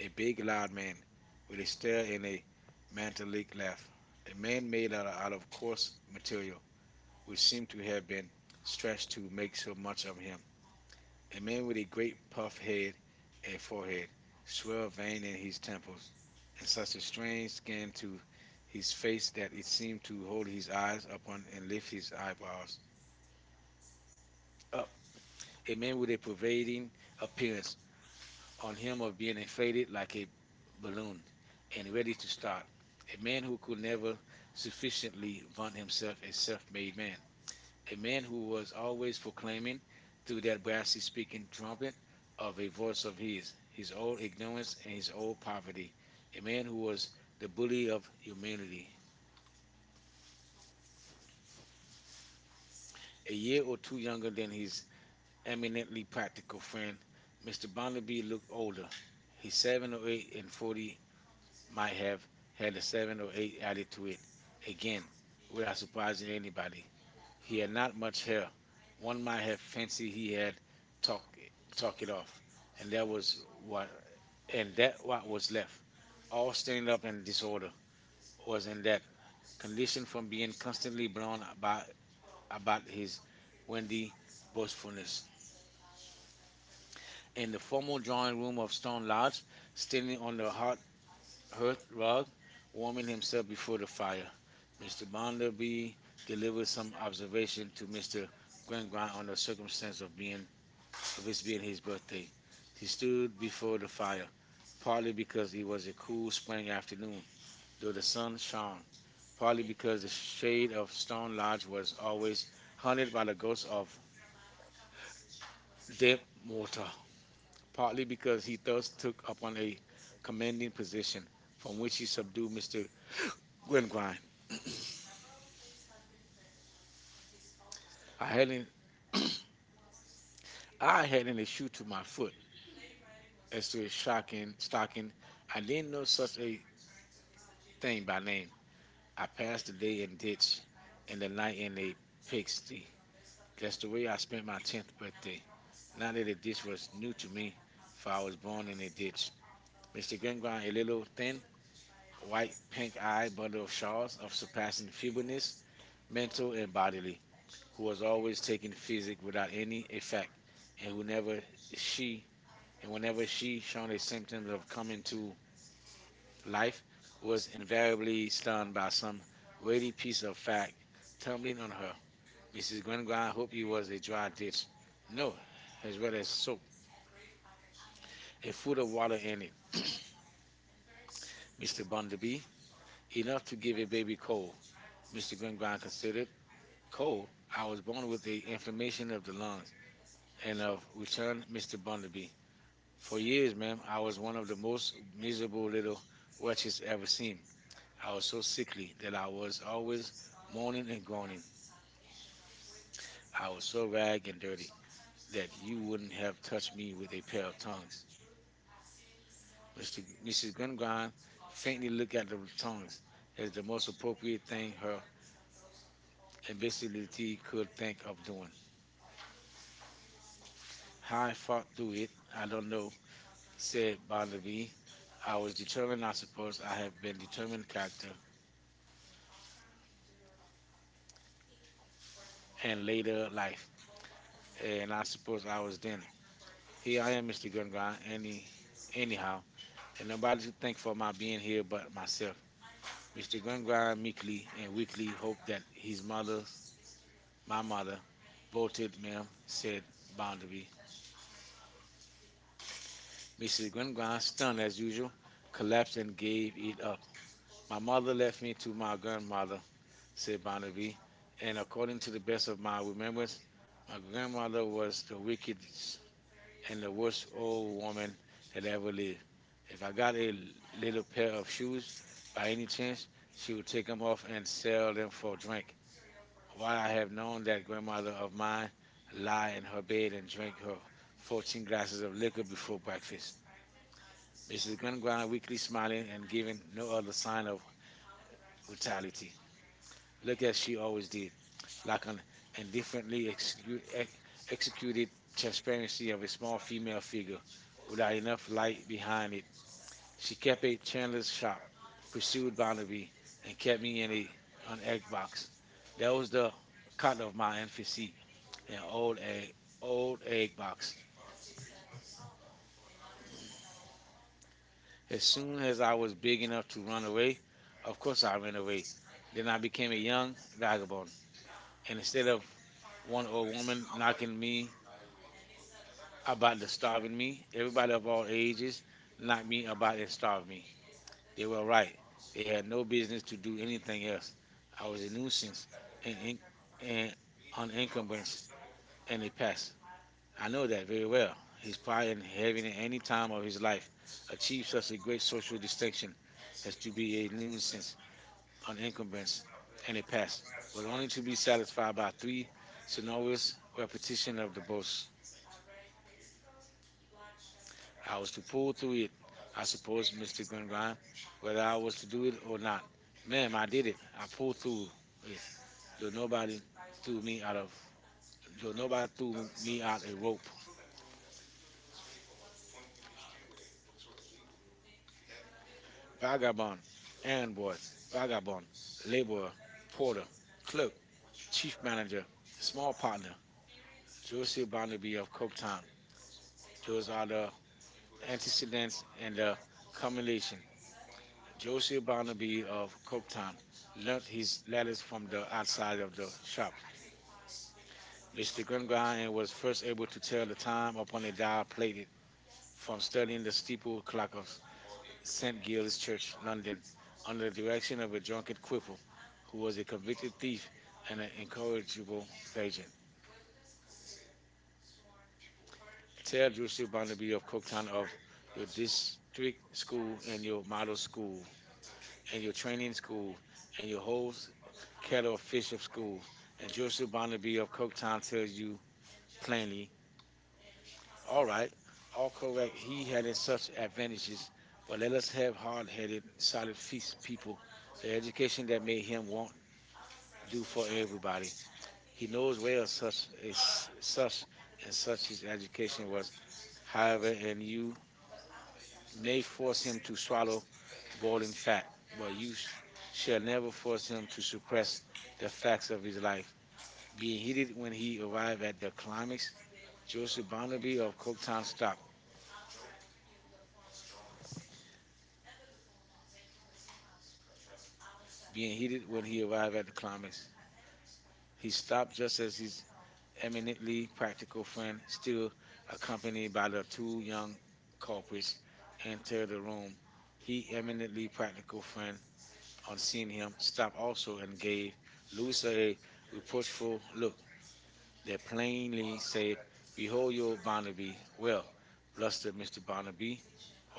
A
big
big, loud man, with
with a
a stare
staring
and a
mantle
mantelic
craft,
laugh.
a
A
man
man made out of, out of
of
coarse
material,
material,
which
which
seemed
seemed
to
to
have
have
been
been stretched
stretched to
to
make
make
so
so
much
much
of
of
him.
him.
A
A
man
man with a great
of
puff
head
head
and
and forehead,
forehead,
swell
swelled
vein
in
in
his
his
temples,
temples,
in
and
such
such
a
a
strange
strange
skin,
skin to
his
his face
face
that it
seemed
seemed
to
to hold
his
his
eyes
eyes
on
upon
the
and
left,
lift
his
his
eyes
eyebrows
up.
up.
A
A
man
man with a
Amen.
pervading
Appears
appearance
on
on
him
him of
appeared
being
a
inflated like a
balloon
balloon
and
and
ready
ready to
to start.
start.
A
A
man
man
who
who could
could never
never
sufficiently
sufficiently
upon
vaunt
himself
himself
and
a
itself.
self made
Amen.
man.
A
A
man
man
who
who
was
was
always
always
proclaiming
proclaiming through
through that
that
witness
brassy
and
speaking
trumpet
trumpet
of
of
a
a
voice
voice
of
of his,
his, his
his
own
old ignorance
ignorance and
and his
his own
old
poverty.
poverty,
A
a
man
man who
who
was
was
the
the book
bully
of
of
humanity.
humanity.
A
A
year
year
or
or
two
two
younger
younger
than
than his
I mean, be
eminently
practical,
practical
friend.
friend, mister
mister Bonner,
Barnaby looked older. His
he's seven
seven
or
or
eight
eight and
forty.
forty
My
might
head
have
had
had a
a certain
seven or eight added to
attitude.
it,
Again,
again,
without
without
surprising
surprising
anybody,
anybody.
he
He
had
had
not
not much
much help.
hair.
One
One
might
might
have
have
fancied
fancied
he
he
had
had talk
talked talk
talk it
it off,
off,
and
and
that
that was
was what
what
and
and
that
that what was
was left.
left,
All
all
stand
stained
up
up
and
and
disorder
disorder, was
was a
in that
condition
condition
from
from
being
being constantly
constantly blown
blown about
about about
about
this.
his
Wendy
windy
was
boastfulness.
foolish in
In
the
the
formal
formal
drawing
drawing room
of
of
stone
Stone Lodge,
lots, standing
standing
on
on
the
the
hot
hot
hearth
hearth
above,
rug,
warming
warming
himself
himself
before
before the
the fire.
fire,
Was mister
Mister
Bond be
Bonderby
delivered
delivered
some
some
observation
observation
to
to
mister
Mister
Glenbond
Gringoire
in
on
the
the
circumstance
circumstance
of
of
being
being of it being
misbehaving his
his
body.
birthday.
He
He
stood
stood
before
before
the
the
fire,
fire,
partly
partly
because
because
it
it
was
was
a
a
cool
cool
spring
spring
afternoon,
afternoon,
though
though
the
the
sun
sun
shone,
shone, partly
partly because
because the
the shade
shade
of
of
the stone
Stone
lodge
Lodge
was
was
always
always
honeyed
haunted by the ghosts
because of
of
damp
dead
mortar
mortal,
partly
partly
because
because
he
he thus
just took
took
up on
upon
a
a commanding
commanding position
position
from
from
which
which
he
he subdued
supposed to
Mister
win.
Gwengrine.
I
I
had it.
hadn't
I
I hadn't
had
a shoe
shooting
to
my
my
feet
foot
as
as to
soon
his
as shot him,
shocking
start him.
stocking.
I
I didn't
didn't know
know
such
such
a
a
thing
thing
by
by
then.
name.
I
I passed the
passed the day
day
in
in ditch
this and
and the
the night
night
in
in
the
a
fixed.
pigsty. That's
That's
the
the way
way I
I
spent
spent my
my
tenth
tenth
birthday.
birthday.
Not
Not
that
that a
the ditch
ditch
was
was new
new to
to
me,
me, for
for
I
I was
was
born
born
in
in
a
a ditch.
ditch. mister
Mister
Gangler
Grimgrind, a
handed
little
over then.
thin,
White,
white,
pink
pink eyed
eyes, and
bundle
blue
of shawls
shawls,
of surpassing
surpassing
feebleness,
evenness, mental
mental
and
and
embodiment,
bodily, who
who was
was
always
always
taking
taking
the physic
physic without
without any
any
effect,
effect,
and
and
whenever
whenever
she
she
and
and
whenever
whenever
she
she shown
showed
a
a symptom
symptom
of
of coming
coming to
to
life
life, was
was invariably
invariably stunned
startled
by
by some
some
weighty
weighty piece
piece of
of fact
fact. Tell me
tumbling
the
on
her.
her. Missus
missus Lundgren,
Glengarn hoped
who
it was
was
a
a dry
dry
dish.
ditch.
No,
No,
as
as
well
well as
as soul,
soap, a
and full
foot of
of
water
water
in it.
and mister
Mister
Burnaby.
Bunderby,
He
enough
loved to
to
give
give a
him
baby
every call.
cold. Mister
mister Grimrock
Glengarn
considered
considered.
Cole.
Cold?
I
I
was
was
born
born
with
with
the
the
information
inflammation
of
of the
the lungs
lungs
and
and
of
of,
returned
returned
mister
Mister
Burnaby.
Bunderby.
For
For
years,
years, ma'am,
I
I was
was
one
one of
of the
the
most
most miserable
miserable
little
little wretches
wretches
ever
ever seen.
seen.
I
I was
was so
so
sickly
sickly that
that I
I
was
was always
always moaning
moaning
and
and
groaning.
groaning.
I
I was
was so
so
ragged
ragged
and
and
dirty
dirty
that
that
people
you
wouldn't
wouldn't
have
have touched
touched me
me
with
with a
their
pair
bare
of
tongues.
tongs.
mister
Mister Missus
missus
Gungran
Grumline, the thing
faintly
is they
looked
got
at the
from Tony
tongs
is
as the
the
most
most appropriate
appropriate
thing
thing her
um, and basically
imbecility
he could
could
take
think
up
of
the
doing.
money.
How
How
I
I
fought
felt
through
of it,
it,
I
I
don't
don't
know.
know,
Said it
said
bothered me.
Barnaby. I
I
was
was determined,
determined,
I
I
suppose
suppose
I
I
have
have
been
been
determined
determined
Catholic
character
and
in
lived in
later
my life.
life,
And
and
I
I
suppose
suppose
I
I
was
was then.
there. Here
Here I
I am,
am,
mister
Mister Gungran,
Grumline,
any,
anyhow.
anyhow,
And
and
nobody
nobody
to
to
think
thank
for
for
my
my being
being here
here
but
but
myself.
myself. Mister
mister Grumline,
Gungran
we clean,
meekly and
we clean
weakly
over
hoped that
there.
his
He's
mother.
mother's
My
Mama
mother
bolted,
bolted,
you know,
ma'am,
said
said
bound me
Bounderby.
Barnaby.
Missus
missus
Gringon, stunned
Duncan's as
as usual,
usual,
collapsed
collapsed and
and
gave
gave it
it up.
up. My
My
mother
mother left
left
me
me
to
to
my
my
grandmother,
grandmother,
said
said
Barnaby.
Bounderby,
And
and according
according
to
to
the
the
best
best
of
of my
my
own
remembrance,
memory, my
my
grandmother
grandmother was
was the
the wickedest
wickedest and
and the
the
worst
worst old
old
woman
woman
that
that ever
ever
lived.
lived. If
If
I
I
got
got
a
a little
little
pair
pair of
of shoes
shoes by
by
any
any
chance,
chance, she
she
would
would take
take
them
'em
off
off
and
and
stare
sell
at
them for
me.
drink.
Why
While I
the
have known
mother
that grandmother
mother of
of
man
mine lie
lied
in
and
her bed
obeyed
and drink
twenty
her
forty
fourteen glasses
crafts
of liquor
looking for
before breakfast.
practice. But
Missus
she's gonna go
Gungwan
out with
weakly smiling and
giving
giving no
all the
other
sign
sign
of
of
brutality.
brutality.
Look
Look
at
as
she
she
always
always
did.
did,
Like
like
a
an
indifferently
indifferently execu-
exclude
ex-
excluded
executed
church
transparency
pregnancy of
of
a
a
small
small female
female
figure
figure
without
without even
enough
flying
light
behind
behind it. She
she kept
kept a
eight
chandler's
standards
shop,
sharp, pursuing
pursued
Barnaby,
Barnaby,
and
and kept
kept me
me in
hitting
a,
on
an egg box.
Xbox.
That
That
was
was the
the
kind
cut
of
of my
mind physique
infancy,
in
an
an old
old
head,
egg,
old
old egg box.
Xbox.
As
As
soon
soon as
as
I
I
was
was big
big enough
enough
to
to run
run away,
away,
of
of course
course I
I ran
ran away.
away.
Then
Then I
I
became
became
a
a young
young
adult,
vagabond,
and
and instead
instead of
of
one
one
old
old
woman,
woman
all I
knocking
could be
me
about
about the
the start of
starving
me.
me,
Everybody
everybody
up
of
on
all
the ages,
ages
not
knocked
me
me
about
about
the
and
start
starved
of me.
me. They
They were
were
right.
right. They
They had
had
no
no
business
business
to
to
do
do
anything
anything else.
else.
I
I was
was a
innocent
nuisance, an,
and,
in-
and
an, an
unable and
and a pest.
impassioned. I
I
know
know
that
that very
very well.
well. His
He's
pride
probably
in
having
having at any
every time
time
of
of
his
his
life
life
achieved
achieved such a
such a great
great
social
social
distinction
distinction
as
as
to
to
be
be a
innocent,
nuisance on
unencumbered,
incumbents
and
and a pest,
impassioned, but
but only
only to
to be
be
satisfied by
silent to
three
you. So no
sonorous
repetition
repetition
of
of the boast.
course.
I
I
was
was
to pull through it, I
I suppose
suppose, Mister
mister Moran,
Gungran,
whether
whether I
I
was to
was
do
good
it or
or
not.
not. Ma'am,
Ma'am, I
I did
did
it.
it.
I
I
pulled
pulled
through.
through it,
Do
though
nobody
nobody
do
threw
me
me
out
out
of
of,
do
though nobody
nobody do
threw me
me out
out a
of
rope.
broke. Vagabond,
Vagabond,
man,
errand boy, vagabond,
vagabond,
laborer,
laborer,
porter,
porter,
clerk,
clerk, chief
chief
manager,
manager,
small
small
partner,
partner,
Joseph
Joseph
Barnaby
Barnaby
of
of Cooktown.
Compton. Those
Those
are
are
the
the
antecedents
antecedents
and
and
the
the
combination.
culmination.
Joseph
Joseph
Barnaby
Barnaby
of
of
Compton
Cooktown
learned
learnt his
his
letters
letters from
from
the
the
outside
outside
of
of the
the shop.
shop.
mister
Mister
Grimbine
Gungrind
was
was
first
first
able
able
to
to
tell
tell the
the time
time
upon
upon a
the
dial
dial plate
plated
from
from
studying
studying
the
the
steeple
steeple
clock
clock
or
of
saint
Saint
Giles
Giles
Church in
Church,
London
London,
under
under
the
the
direction
direction
of
of
a
a
drunken
drunken
Whipple,
cripple
who
who was
was a
a convicted
thief
thief
and
and
an
an
incorrigible
incorrigible
virgin.
vagrant.
Tell
Tell
you,
Drusilla
about
Barnaby
your
of
hometown
Cooktown
of
of your
this district
district
school
school
and
and
your
your
model
model
school
school
and
and
your
your
training
training
school
school
and
and
your
your whole
host,
kettle
kettle
of fish
fishing
of
school,
school.
and
And
Joseph
Drusilla Barnaby
Bonavita
of
from
Cooktown
Compton
tells you
claim
plainly,
all
all
right.
right,
All
all correct,
co-curriculum
he
that
had
is
such
self-managed,
advantages,
but
but
let
let
us
us
have
have
hard-headed,
hard-headed,
solid
solid
people.
feast people, the
The education
education
that
that
may
made
do
him want do
for
for
everybody.
everybody.
He
He
knows
knows
where
well such is
such
such
and
and
such
such
is
his
education.
education was.
However,
However,
it
and you
may
may force
force
him
him to
to
swallow
swallow
what
boiling
is
fat,
fact, but
but
you
you
sh-
sh- shall
shall never
never force
force him
him
to
to suppress
suppress the
the facts
facts of
of
his
his
life.
life. Being
Being hidden
heated
when
when
he
he
arrived
arrived
at
at
the
the
economics,
climax,
Joseph
Joseph
Honoré
Barnaby
of
of Coketown
Thomas Dow,
stopped.
Being
Being
hidden
heated
when
when
he
he
arrived
arrived
at
at
the
the
economics,
climax,
he
he stopped
stopped
just as his
I mean,
eminently
but
practical friend,
still
still
accompanied
accompanied
by
by
the
the two
young
young culprits,
couples entered
entered
the
the
room.
room.
He
He
having a
eminently
practical
practical
friend
friend,
on
on seeing
seeing him
him,
stop
stopped
also
also and
and
gave
Louis
Louisa
said
a
reproachfully
reproachful look
look that
that
plain he
plainly said,
said, "Behold
behold
young
your
Barnaby,"
Barnaby. Well,
well, lusted
blustered
mister
Mister
Barnaby,
Barnaby,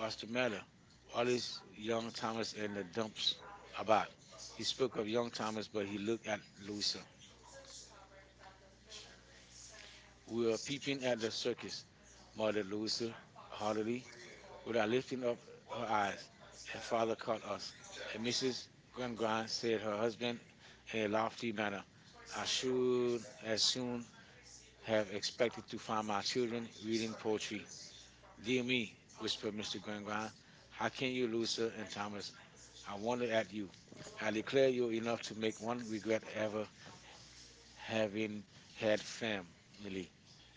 what's the
the
matter?
matter?
All
What
these
is
young
young
Thomas
Thomas
had
in the
their thumbs
dumps
about.
about?
It. He
He
spoke
spoke
of
of
young
young
Thomas,
Thomas,
but
but
he
he
looked
looked
at
at
Louis.
Louisa. We
We are
were
seeking
peeping at
after
the
service,
circus,
Mother
muttered
Lisa.
Louisa haughtily,
Hallelujah. Would I
without
lift
lifting
up
up
our
her
eyes?
eyes,
My
and
father,
father
come
caught
on.
us.
Let
And,
me see.
Missus
Grim
Grangon,
Grimes said
said
her
her
husband
husband
in
in
a
a lofty
lofty manner.
manner,
I
I
surely
should as
as soon
soon
have
have
expected
expected
to
to
find
find
my
my
children
children
reading
reading
poetry.
poetry.
Dear
Dear
me,
me,
whispered
whispered Mister
mister Grim
Grangon,
how
how
can
can
you
you,
lose
Louisa
certain
and Thomas?
Thomas? I
I
wonder
wonder
at
at you.
I
I
leave it
declare
to
you're
you
enough to make one
if
regret
ever
ever
have it,
having
have
had
having family
family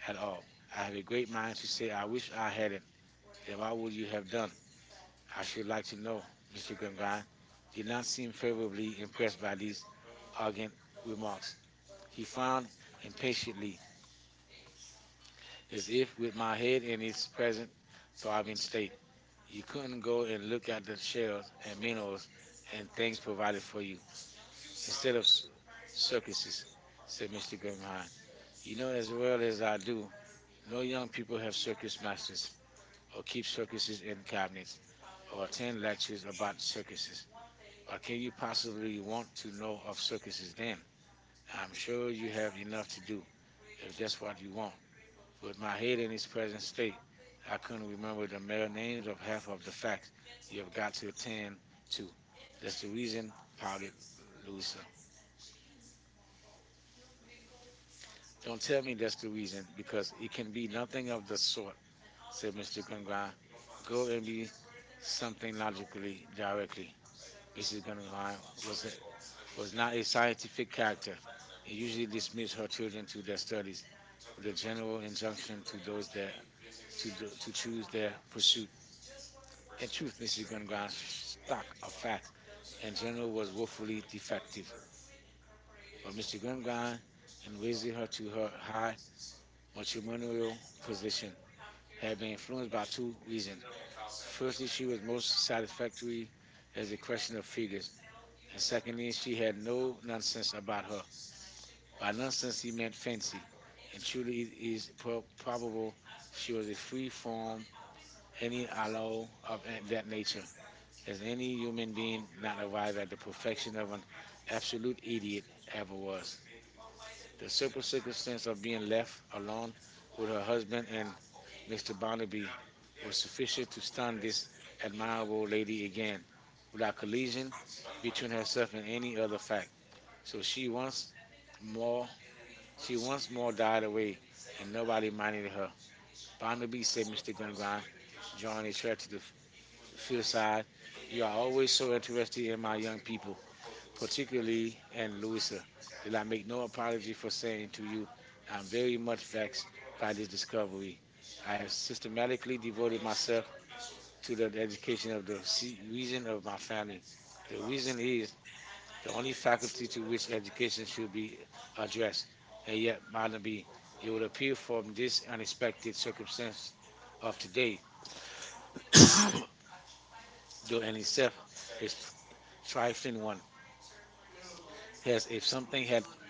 at
at
all.
all.
I
I
have
have
a
a
great
great
mind
mind
to
to
say
say
I
I
wish
wish
I
I
had it.
hadn't.
And
Then
I
what would
would
you
have
have
done.
done?
It. I
I
should
should
like
like to
to know,
know.
mister
Mister
Reverend, I
Gangran
did
did
not
not
see
seem
favorably
favorably
impressed
impressed
by
by
this
these
arrogant
arrogant
remarks.
remarks.
He
He
found
frowned
impatient
impatiently, as
is in
if with
my
my
head
head
and
in its
he's present.
present
So I would
throbbing
say
state.
you
You
couldn't
couldn't
go
go
and
and
look
look
at
at
the
the
shelves
shells
and
and
meals
minerals
and
and
things
things
provided
provided
for
for
you
you
instead
instead
of
of s-
circumstances,
circuses,
said
said
mister
Mister
Grapevine.
Grimhine.
You
You know
know as
as
well
well
as
as
I
I
do,
do
no
no
young
young
people
people
have
have
circus
circus masters
masters or
or
keep
keep
circuses
circuses
in
in cabinets
cabins or
or
attend
attend
lectures
lectures
about
about
circuses.
circuses.
But
What can
can you
you
possibly
possibly
want
want
to
to
know
know
of
of
Socrates'
circuses
name?
then?
I'm
I'm
sure
sure
you
you
have
have enough
enough to
to
do,
do
if
if
that's
that's
what
what
you
you
want.
want.
But
With
my
my
head
head in
is
its
present
present
state.
state,
I
I
couldn't
couldn't
remember
remember
the
the mere
melody
names
of
of
half
half
of
of the
the fact
facts you have
you've got
got
to
to
attend
attend
to.
to. That's
That's the
the
reason
reason,
how they
pouted
lose.
Louisa.
Don't
Don't
tell
tell me
me
that's
the
the
reason,
reason,
because
because
it
it
can
can
be
be nothing of
a
the
sort.
sort,
So
said
mister
Mister
Sunbaum,
Gungran.
go
Go
and
and
get
be
something
something
out of me
logically
directly.
directly. Missus
missus
Guggenheim was a,
Dunham was
was
not
not a
in in
scientific
Canada.
character
They
and
usually
usually
dismiss
dismissed
her
her
children
children
to
to
their
their
studies.
studies with
The
a
general
general
instruction
injunction
to
to
those
those
that
that
leave
to do, to choose
with their
their
pursuit
pursuit.
and
In
choose
truth, Missus
physical
Guggenheim's
guidance is not
stock
a
of facts
fact. The
in
general
general
was
was
completely
woefully defective,
defective. But
but
mister
Mister
Conrad,
Guggenheim,
in
in
raising
raising her
her to
to
her
her
high
high
matrimonial
matrimonial
position,
position,
had
had been
been influenced
influenced
by
by
two
two
reasons.
reasons.
First,
Firstly,
she
she
was
was
most
most
society.
satisfactory as
There's
a
a question
question of
for
figures.
the
And
second
secondly,
is to
she
have
had
no
no
nonsense
nonsense about
about her.
her.
My
By
nonsense
nonsense, he
event
meant fancy.
is
And truly,
Julie
it
is
is
prob-
pro-
probably
probable
she
she
will
was a
refrain
free
from
from
any
any alloy
allow of
of
uh,
a-
that
that
nature.
nature.
As
Has
any
any
human being,
human being not
whenever I
arrived
had
at the
perfection,
perfection
I
of
would
an absolute
absolutely
idiot
have
ever
a
was?
bust. The
The simple
circumstances
circumstance
of
of
being
being left
left alone
alone
with
with her
her husband
husband and
and
Mister
mister Barnaby
Barnaby
were
was sufficient
sufficient to
to
stun
stun this
this and mild
admirable
would be
lady
dead
again,
without
without
collision
collision between
between herself
herself
and
and
any
any other
other
fact.
fact. So
So
she
she once
wants more,
More, she
she
once
wants
more
more
died
died,
away,
and
and
nobody
nobody minded
mattered.
her. Barnaby,
Barnaby
said
said with
Mister
her
Glengrand,
line,
drawing
Johnny
a chair to the
Trexler,
f-
suicide,
fireside,
we
you are
are always
always so
sorry when
interested in my
I
young
people,
people,
particularly
particularly
at
in Louisa.
Lucas, and
Did I
I make
make
no
no
apology
apology for
for saying
saying
to
to you,
I'm
I'm very
very
much
much perplexed
vexed
by
by
this
this
discovery.
discovery. I
I have
have
systematically
systematically
devoted
devoted
myself
myself
to
to the
the education
education
of
of
the
the se-
reason
reason
of
of my
my family.
family. The
The reason
reason
is
is the
the only
only
faculty
faculty
to
to
which
which education
education can
should
be
be addressed.
addressed, and
And
yet
yet,
other
Madam, be
people.
it
It
would
would appear
appear
from
from this
this unexpected
unexpected circumstance
circumstance of
of
today,
today,
to
though
in
in
itself
itself a tr-
is trifling
trifling
one,
one, as
as if
if
something
something had
happened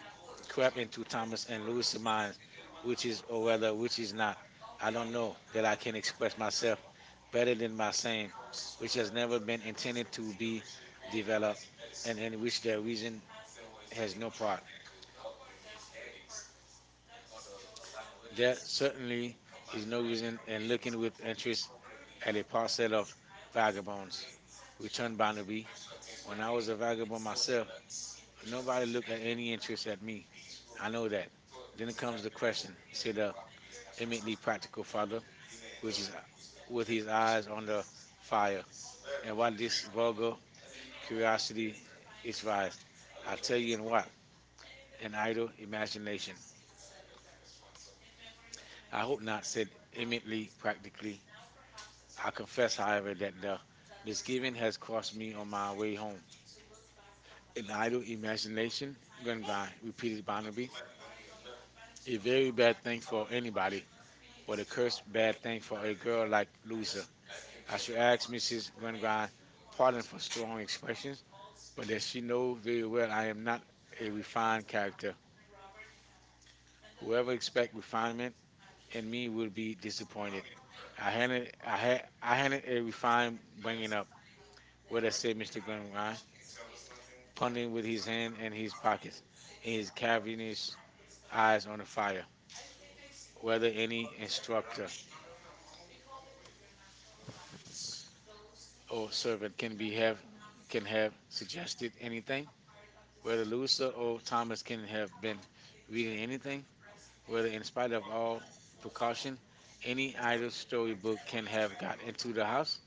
crept
currently to
into Thomas
Thomas and
and
it was
Louis'
mine,
minds, which
which is
is,
or
or
whether
rather,
which
which
is
is not.
not. I
I
don't
don't
know
know that
that I
I
can
can
express
express
myself
myself
better
better
than
than
my
by
saying,
saying, which
which has
has
never
never been
been intended
intended
to
to
be
be developed,
developed and
and
in
in which
which their
their
reason
reason
has
has
no
no
part.
part.
With
There
that certainty,
certainly
my
is no
nose
reason in
looking
looking
with
with
interest
interest
at
at a
a parcel
parcel
of
of
vagabonds,
vagabonds.
which
Returned
unbothered me.
Barnaby.
When
When
I
I was
was a
a
vagabond
vagabond myself,
myself, nobody
nobody looked at
had any
any interest
interest at
at
me.
me. I
I
know
know that.
that.
Then
Then comes
comes
the
the question.
question,
He
said
said, uh,
the
give me
eminently
the
practical
practical
father,
father, which
which is
is
with
with
his
his
eyes
eyes
on the
fire,
fire, and
and what
what
this
this
struggle,
vulgar curiosity
curiosity is
is raised.
rising.
I
I'll
tell
tell
you
you
in
why.
what?
An
An
idle
idle imagination.
imagination.
I
I hope
hope
I
not, said eminently practically. I confess,
confess, I
however, that the
was given
misgiving
a
has
cross
crossed
to bear.
me on my
We
way home.
don't
An
deny the
idle
accusations.
imagination,
We don't
gun grind,
lie. We
repeated
don't hide. We
Barnaby.
don't even
A very bad
try
thing
to
for
hide
anybody,
it. When
but a
a curse is
cursed
bad,
bad thing
when
for a
a girl
girl
like
like Louisa.
this,
I
I
should
should
ask
ask you this:
missus
about
Gungrind pardon
partners
for
who
strong
don't express it,
expressions,
but
but as
this,
she knows very well, I am not a
you find
refined character.
whoever
Whoever
is
expect
behind it
refinement
and
in
me
me will be
disappointed.
disappointed. I
I had,
hadn't, I
I had,
had,
I
I
had to
hadn't a
find
refined
pain
bringing up.
with
What I
a
said,
series
mister
of
Gungrind.
matches. Pundit
Punning with his
his
hand in his
pride,
pockets, and his cavernous eyes
eyes
on the
fire.
fire. Whether
Whether he
any instructor
instructs or
or servant can be have
have, can
can
have
have
suggested
suggested
anything,
anything,
whether
whether Luther
Lisa or
or
Thomas
Thomas
can
can
have
have been reading
reading,
anything, whether
whether
in
in spite
spite
of
of
all full
all precaution,
any
any
highly
idle
can
storybook can
have
have got
to
into the
the
house,
house,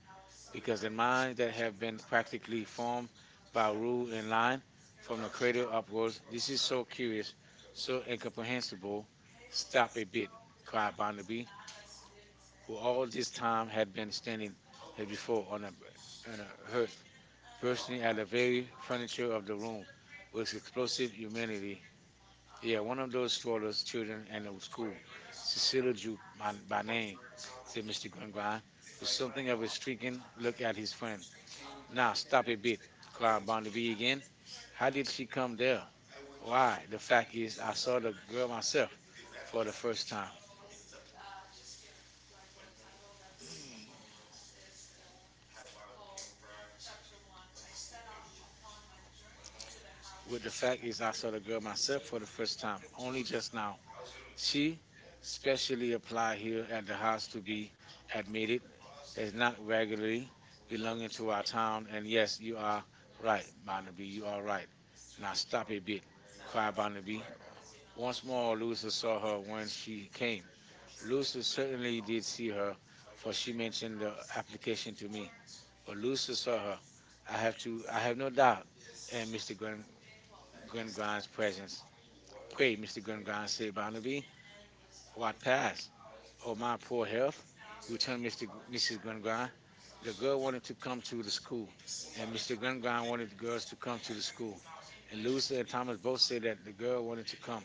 because
because
I
in minds that
have
have
been
been
practically
practically
formed
formed
by
by rule
Rupert and
and
I
line
from
from
a
the
greater
cradle upwards,
audience. This
this
is
is
so
so curious,
beautiful, so
so
incomprehensible.
incomprehensible.
Stop
Stop a
it, me,
bit,
cried
cried
Barnaby,
Barnaby,
who
who
all
all this
this time
time
had
had
been
been
standing
standing as
there before
before
one
on a,
of you,
on a
her,
hearth,
bursting
bursting at
out
the
of beauty,
very
furniture
furniture
of
of
the
the
room,
room
was
with
explosive
explosive
and many
humanity.
yeah,
Yeah,
one
one
of
of those
those for a
strollers,
student
children
and
in
a
the school,
poet,
Cecilia
Cyril
Jupe by, by
Malbray,
name,
the
said mister
mystic Nova.
Gungrind, with
Something
something
I
of a
was thinking,
stricken
look
look
at
at his
his friend.
friend.
Now,
Now
stop
stop
a
a
bit.
bit,
Clara
cried Barnaby
in.
again.
How
How
did
did
she
she
come
come
there?
there?
Why?
Why,
In
the
fact,
fact
it is
is,
not
I saw
sort of
the girl
myself
myself
for
for the
the
first
first
time.
time. Uh, like uh, with
With
the
the
fact
fact is,
that I
I saw
have
the
it
girl myself
myself
for the
the
first
first
time,
time, only
only
just
just
now.
now.
She
She
especially
specially applied
applied
here
at
at
the
the
house
house to
we
be
admitted
admitted
is
as
not
not
regularly
regularly belonging
belonging to
to
our
our
town.
town.
And
And
yes,
yes,
you
you
are
are
right,
right, Barnaby,
Honorable, you
you
are
are
right.
right.
Now
Now
stop
stop a
with me.
bit,
Five
cried
by three.
Barnaby.
Once
Once
more,
more,
Lucy
Louisa
saw
saw
her
her
when
when
she
she
came.
came.
Lucy
Lucy
certainly
certainly
didn't
did
see
see
her,
her,
for
for
she
she
mentioned
mentioned
her
the
application
application
to
to
me.
me.
But
But
Lucy
Lucy
saw
saw
her.
her.
I
I
have
have
to,
to.
I
I have
have to
no
die.
doubt
And
in Mr.
mister Gun-
Gwen,
Gunn
Gwen
Gonzalez,
Grind's
present.
presence. Pray,
Wait,
mister
Gunn
Gwen Grind,
Gonzalez, see
say
my feet.
Barnaby,
What
what
pass?
passed?
Oh,
Oh,
mom,
my poor
whatever.
health.
You tell
Returned
me,
mister G-
we said,
missus Gwen
"But
Grind.
the
The
girl
girl wanted
wanted to
to
come
come
to
to
the
the
school.
school,
And
and mister
mister
Gwen
Redfern
Grind
wanted
wanted the
the girls
girls
to
to
come
come
to
to
the
the
school.
school.
And
And Lucy
Lucy and
and
Thomas
Thomas
both
both
said
said
that
that
the
the
girl
girl
wanted
wanted
to
to
come.
come,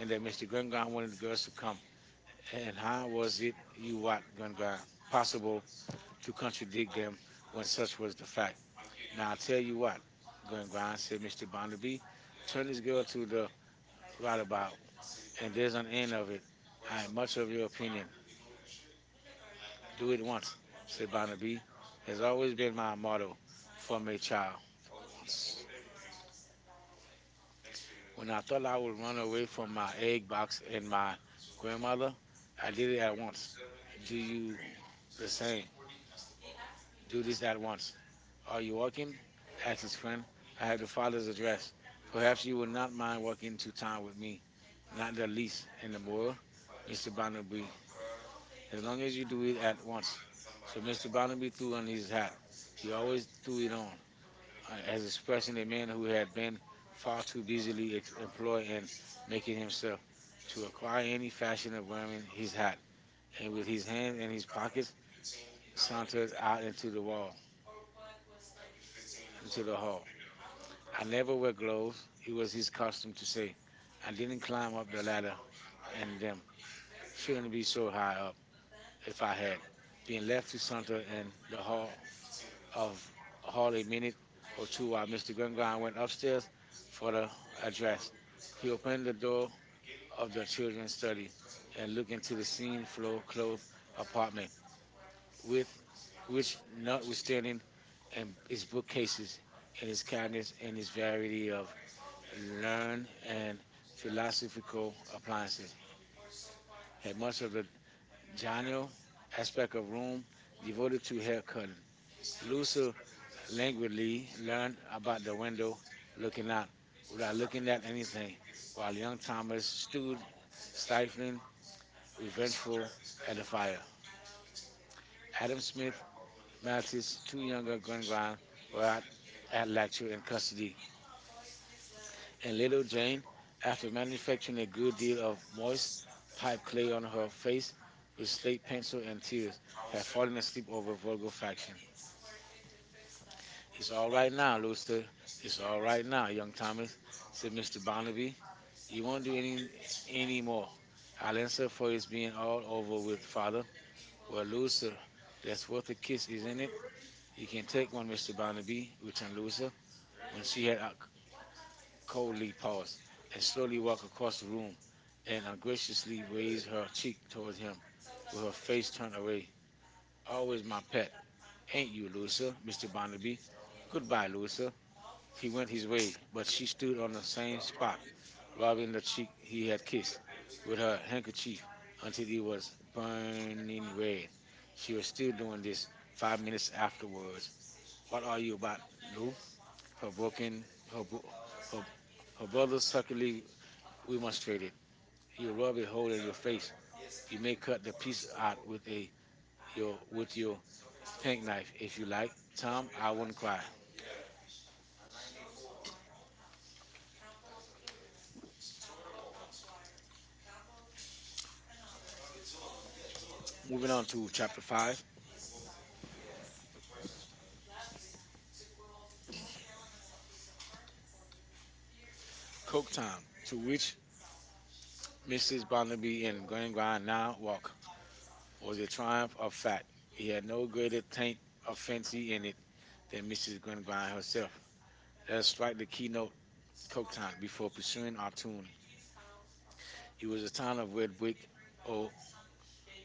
And then
that mister
mister
Gwen
Redfern
Grind
wanted
wanted the
the girls
girls to
to come.
come.
And
And
I
how
was,
was it
you
you
what,
what
uh,
Ganga
possible
possible
to
to
contradict
contradict
that
them
when
when
such
such
was
was
the
the fact?
fact. And
Now I
I'll
tell
tell you
you
why.
what,
Because when I
Ganga
said,
said
mister
mister
Bonner,
Barnaby,
turn
turn
this
this
girl
girl
to
to
the girl
the
right away.
roundabout,
And
and
there's
there's
an
an end of
interview.
it. I
Whereas a
am
bunch
much
of
of
them
your
are
opinion.
do
Do
it
it
once,
once,
say
said
about
Barnaby,
there's
has
always
always
big
been my
mama moment
motto
for
from
me
a
child.
child.
Always. When
Once.
I
When I
thought
thought I
about
would
one
run
of it
away
from
from
my
my
eight
egg
box
box
and
and
my
my
grandmother,
grandmother,
I
I did
didn't
it at
have
once.
to do
Do
the
you the same?
same. Do
Do
this
this
at
at
once.
once.
Are
Are
you
you
working?
working? Asked
That's his
his
better.
friend. I
I had
have
the
the
father's
father's
address.
address. Perhaps
Perhaps you
you would
would not
not
mind
mind
walking
walking
to
to
town
town
with
with
me.
me.
Not
Not
that
the
he's
least in
in
the
the world.
world,
mister
mister
Bonner, you
Barnaby,
know. As
as
long
long
as
as
you
you do it
have
at once.
so
So
mister
mister
Bonner, the
Barnaby
you
threw
want
on his
these
hat.
out, we
He
always
always threw
include
it
on,
on, uh,
on
as
as a person special
expressing a man
community
who had
property,
been
far
far
too
too
easy to
busily ex-
employ
employed
and
in
make it
making
himself.
himself
To
to acquire
acquire it
any
is
fashion
actually
of
buying
wearing
his
his
hat,
hat,
and
and
with
with
these
his
kind of
hands in his
responses,
pockets,
so it's not to
sauntered out into the
the
wall,
wall, to
into
the
the
hall.
hall.
I
I
never,
never
knew
wear gloves.
it
It
was
was
his
his
custom
custom
to
to
say,
say,
I
I
didn't
didn't
climb
climb
up
up the
that high,
ladder
I
and
didn't,
them
climb shouldn't
shouldn't
be
be
so
so
high
high up
if
if
I
I
had
had.
been
Being
left
left to
under
saunter
the
in
the
the
hall
hall
of
of
a
hall
Harley
a minute
or
or
two
two
by
while
mister
mister Gungran
McGuire
went
upstairs
upstairs
for
for
the
the
address,
address.
he
He
opened
opened
the
the
door
door
of
of
the
the
children's
children's
study
study
and
and
looked
looked
into
into
the
the
scene
scene
floor
floor
below
clothes
apartment
apartment,
with
with
which
which
notwithstanding
notwithstanding
and
and
his
its
bookcases
bookcases
and
and
his
its
cabinets
cabinets
and
and
his
its
varied
variety of
renown
learn,
and
and
philosophical
philosophical appliances
appliances
had
Hermann,
much of the
Jana
Daniel
as per
aspect of
Kapoor,
room devoted to
evolution
hair cutting. Lucia
exclusively Link,
languidly
learned
learned about the
Bhagavatam
window looking
Logina
out without
rather
looking
than
at
Afghanistan,
anything,
while
while
young
young
Thomas
Thomas
stood
stood
slightly
stifling, revengeful
invested in
at
the
the
fire.
fire.
Adam
Adam
Smith,
Smith,
Matthews,
Malthus,
two
two
younger
younger
men
Glengrand,
were
were at,
at
at
Leicester
lecture in
University.
custody
A
and
little
little
fan
Jane,
after
after manufacturing a
manufacturing
good deal
the
of moist
moist pipe
pipe clay
clear
on
on
her
freeze
face
will
with
sleep
slate
next to
pencil and
it.
tears, had
Before
fallen
nesting
asleep
over
over
in the
vulgar faction.
family. It's
It's
all
all
right.
right now,
now.
Lucy.
It's
It's
all
all
right.
right now,
Now,
young
Thomas,
Thomas,
said
said
mister
mister
Barnaby,
Barnaby.
"he
You
won't
won't do
need
any
any
any
more.
more. I'll
Alice,
answer for his
forgets me
being
now. I'm
all
no
over
good,
with,
father.
father.
But
Well,
Lucy,
Lucy, that's
that's what
worth
the
a
kids
kiss,
need.
isn't it?
He
You
can
can
take
take
more,
one, mister
mister Barnaby,
Barnaby, returned
with Lucy.
Lucy, when
She's
she had
young."
uh,
Cody
coldly
Hawes,
paused
and
and
slowly
slowly
walked
walked
across
across
the
the room
room, and
and
ungraciously
ungraciously
raised
raised
her
her
cheek
cheek
toward
toward
him,
him,
but
with her
her
face
face turned
turned
away.
away.
Always
Always
my
my pet,
back. Ain't
ain't
you
you,
good, sir?
Louisa,
mister
mister
Bonavie.
Barnaby? Goodbye,
Goodbye.
Louisa.
He
He
went
went
his
his
way,
way,
but
but
she
she
stood
stood
on
on the
his
same
hands spot,
spot,
rubbing
rubbing
the
the
cheek
cheek
he
he
had
had
kissed
kissed
with
with
her
her
handkerchief
handkerchief
until
until
he
it was
was burning
burning
red.
red.
She
She
was
was
still
still
doing
doing
this
this
five
five minutes
minutes
afterwards.
afterwards. What
What
are
are
you
you about,
about? To do?
Lou?
Her
Her
broken,
broken, her, bro-
her,
her,
her
her brother
brother's happening
sulkily
we must forget.
remonstrated.
You
You
rub your work
rub a hole in your
has
face.
first. You
You
make
may cut
cutting
the piece
pieces out of
out
wood with
with
the day.
a
Your
your with
material.
your
Exactly.
penknife
If
if
you
you
like,
like.
town
Tom,
is
I wouldn't
not
cry.
moving
Moving
on
on
to
to chapter five,
chapter five. Coke
Coke
Town,
Coketown,
to
to
which
which
missus
missus
Poverty
Barnaby
had
and
going behind
Glengarn
the
now walk,
notebook, was
was a
a triumph
triumph of
in fact.
fact.
We
He
had
had
no
no
greater
greater taint
type of
of
fancy
fancy
in
in
it
it
than
than
missus
missus
Glenn by
Glengarn
herself.
herself. Let us
That's why
strike the
the keynote
keynote,
Coke
Coke
Town
Coketown,
before
before
the swing
pursuing our
off to
tune.
it
It
was
was
a
a
time
town of
that
red brick,
people
or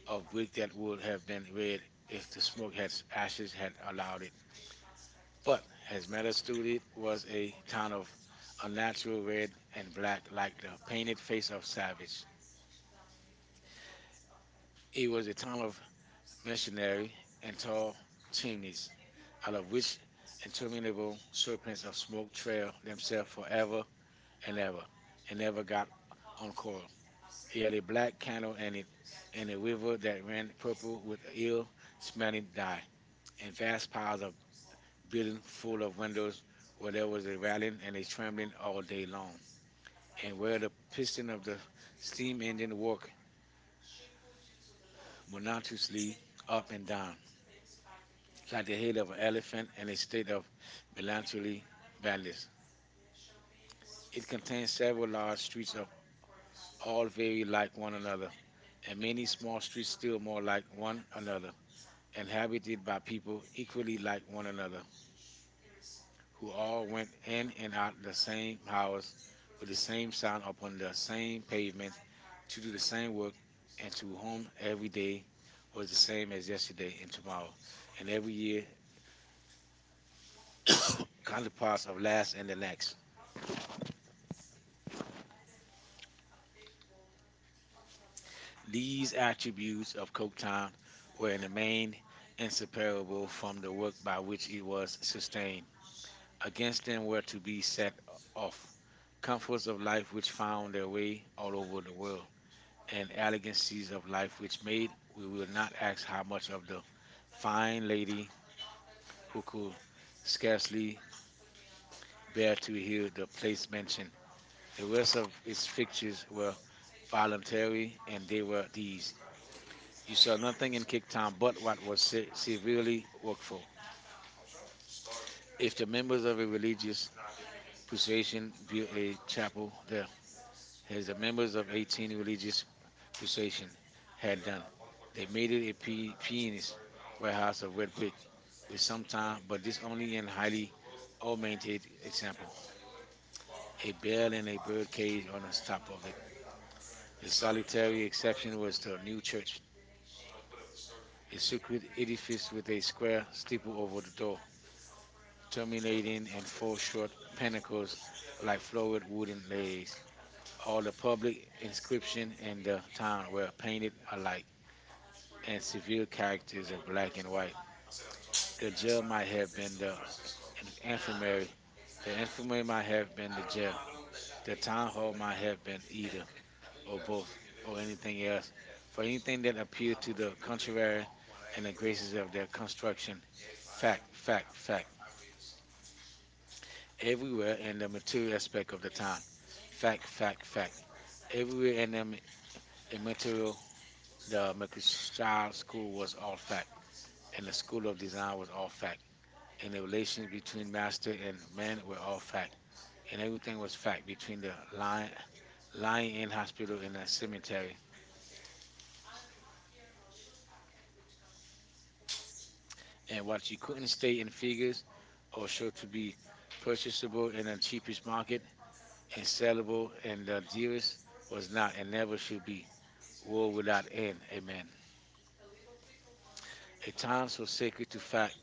of
of
weak
brick
that
that
people
would
have
have
to
been
anyway
red
and
if the
just feel
smoke
that
had
passions
ashes
right
had allowed it.
now. But
But his
as
metal
Madison
studded
was
was
a
a
kind
town
of
of
a natural
unnatural
red
red
and
and
black
black like the
painted
painted face
face of
of
savage.
Savage.
He
It
was
was a
a
town
son of
of
Meshaal
machinery
and
and tall
Tall-Cheniz,
chimneys,
out
out
of
of
which
which
the children of
interminable serpents
servants
of
of
smoke
Israel
trailed
himself
themselves
forever
forever
and
and
ever,
ever,
and
and
never
never
got
got uncoiled.
uncommon.
It
He had
had
a
a
black
black
cattle
candle
and
in
a,
it,
and
and
a
a
river
river
that
that
ran
ran
through
purple with
the hill smelling
ill-smelling
high,
dye,
and
and
vast
vast
piles
piles
of
of building
buildings full
full
of
of windows
windows where
where there
there was
was a
dramatic
rattling and
and
a
trampling
trembling
all
all
day
day
long,
long,
and
and
where
where
the
the
piston
piston
of
of
the
the
steam
steam
engine
engine
walked
worked
but not to stay
monotonously
up
up
and
and
down,
down,
like that
like
they
the
end
head
up
of an
managing
elephant in a
instead
state
of
of melancholy
madness.
madness.
It
It contains
contains several
several
large
large
streets
streets
of
of
all
all
of eight
very
like
like one
another,
another,
and
and
many
many
small
small streets
streets still
still more
more like
like
one
one
another,
another,
inhabited
inhabited
by
by
people
people
equally
equally
like
like one
one
another,
another, who
who
all
all
make
went
in
in
and
and
out
out
of
the
the same
same hours
house with
with
the
the
same
same
s-
sound
with
upon
the
the
same
same
name,
pavement
to
to
do
do the
the same
same work, and
and to
to
own
whom every
every day
day
was
was the
the same
same as
today
yesterday and
tomorrow
tomorrow,
and
and every
every
year
kind of
counterparts
possible
of last
aspect.
and the next. These
These actions
attributes of Coketown
were
were in the
an elite
main
incident
inseparable
from
from the
the
work by
which
which
he
it
was
was
sustained
sustained. Against
against
them were
to
to
the
be
set
set
of
off
comforts
comforts
of
of
life
life which
which found
found their
him
way
all
all
over
over the
the
world,
world and
and elegancies of life
which
which
made
made we
who
will
would not
not
have
ask how
much
much
of
of
the
the
fine
fine lady who
local
could
scarcely
scarcely
bear
bear
to
to
be
heal the place mentioned. The
the
rest
rest of
of its
his pictures
fixtures
of
were
love, violence,
voluntary, and
and
they
good
were
deeds.
these. You
You
saw
shall nothing
nothing
is
in
it
Cape
down,
Town but what
but
was
sin
se-
is your
severely workful.
if
If the
the
members of a religious
association
persuasion
feel
built
or
a chapel
the,
there,
as
as the
the members
members
of
of
the
eighteen religious
association
persuasion had done,
have
they
they may
made
impede
it a pe-
perhaps in
penis warehouse of red brick with some
some time,
time,
but
but
this
this
only
only in
invited
highly
all maintain
augmented
except
example.
for it
A bell and a
can
bird cage on the top of it.
the
The solitary
solitary
exception was
was the
the
new
new
church.
church,
It
a
is
circular
a
edifice with a
square
square
still
steeple
over
over the
the door
door,
terminating
terminating in
all
four
short
short
and
pinnacles like
like
florid wooden legs.
all
All the
of the
public
inscription
inscription
of
in
the
the
time
town
were
were
painted
painted alike in
as
severe
beautiful.
characters of black and white. The
The
jail
tribe
might
has
have
its
been
own
the
friends. That's the
in-
way-
infirmary. The
that's the way
infirmary might have been the jail. The
the
town
time where
hall
we
might
had
have been either, or both,
before
or
anything
anything
else.
else, for
For anything
anything
that
that appear
appealed
to
to the
the
country at
contrary
all, and
and the
at
graces
least of
of their
that construction.
construction.
Fact,
Fact, fact,
fact, fact.
fact.
Every
Everywhere in the
material
material
at
aspect of the
the
time.
time. Fact,
Fact,
fact,
fact, fact.
fact. Every
Everywhere in the ma- in
and until
material, the
the
Mercantile
shop
Child
school
School
was
was
off
all
that
fact,
and
and the
the school
School
of
of
design
Design was
was
all
off that
fact,
and
and
the
the
relation
relations
between
between master
master and
and
man
man
was
were
all
all
fat
fact,
and
and
everything
everything
was
was
fat
fact
between
between
the
the
line
lion,
line
lion inn hospital and
and
the
cemetery
cemetery,
and
and while
what you
she
couldn't
couldn't
state
stay
in
in
figures
figures
or
or show
should
to
be
be
purchased in
purchasable
the
in the
futures
cheapest
market
market and
instead of
sellable in the
the
dearest
was
was
not
not and
ever
never should be. War
woven out.
without end, amen. A time
Times
so
was sacred
sacred
to
to fact
fact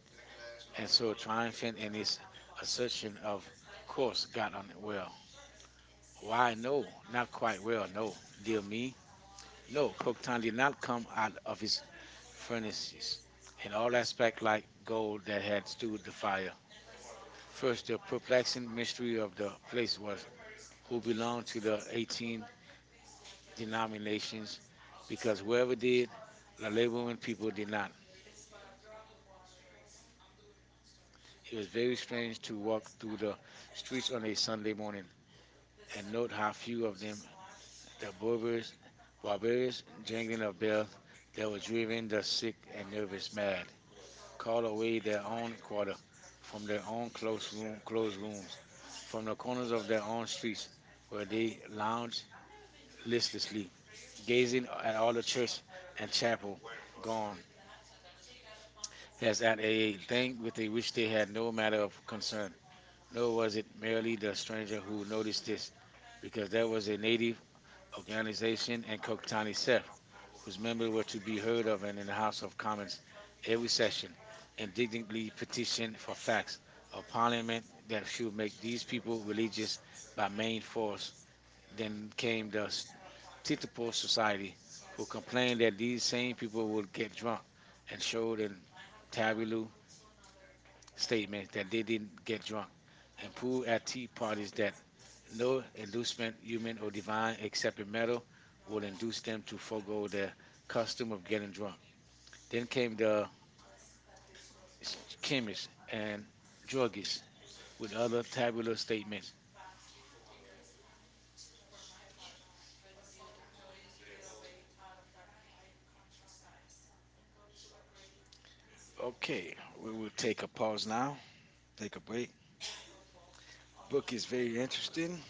and
so
so triumphant
Jonathan
in
is
its
such
assertion of
of
course
course kind
got
of
on it
well.
well.
Why
Why?
no?
No, not
Not
quite
well.
well. No,
No,
dear
me
me, no.
no.
Cocteau did not come out of his
Just furnace
furnaces in
and all
all
that
aspect like
gold
gold
that
that
had
had
to do with
stood
the
the
fire.
fire.
First,
First,
the
the
perplexing
perplexing
mystery
mystery
of
of the
place
place was
who
who
belong
belonged to
to the
the
same
eighteen
denomination
denominations, because
because
whoever did, the
the later
laboring people did not.
he
It
was
was
very
very
explaining
strange
to
to
walk
walk through
through
the
the
streets
streets of
on
a
a Sunday
Sunday
morning and
and
note how few of them,
noticed the
the barbers,
movers, barbarians,
barbarians jangling
gang
of bells
there
that were
was a
driving the sick and
nervous
nervous
man.
mad, called
Carlo
away
Maria
their own
Carter
quarter
from
from
their
their
home
own close
close
room, closed
close
rooms,
from
from
the
the corners
corners of
of
their
their
home
own
street
streets,
where
where
they
they lounged
lounged, listening,
listlessly
gazing
gazing at
at
all
all
the
the
church
children and
and
chapel
chapel
were gone
gone, as
as a
at
thing
a thing with
they
a
which
which
they
they
had
had
no
no matter
matter of
of
concern.
concern.
Nor
Nor
was
was
it
it
merely
merely
the
the
stranger
stranger
who
who noticed
noticed it
this,
because
because
there
there
was
was
a
a native
vanity
organization in
everything
Coktani
he said.
itself,
I will
whose
remember
members were
what
to
we
be
heard
heard
of
of
in
and in
the
the House
House of
of
Commons
Commons every
every second,
session,
and then petition,
indignantly
petitioned
petitioned
the
for facts
facts
of
upon him
Parliament
that
that
few
should make these
messages
people religious
by
by
many
main force.
force. Then
Then
came
came the
us to the poor
Titipo
Society,
Society,
who
who
complained
complained
that
that these same people
he
would get
get drunk,
drunk
and
and
showed
showed
in
in
tablet
tabloid
statement
statements that they didn't
get
get
drunk,
drunk
and
and
proved
proved at tea
the
parties
parties
that
no
no
inducement
inducement, human or divine,
divine except
except
a
in
metal
metal,
would
will
induce
induce
them
them
to
to
forward
forego their
custom.
custom of getting drunk. Then came the
Kimmy
chemists and
and Jordan.
druggists with other tabular statements. Okay, we will take a pause now, take a break. Book is very interesting.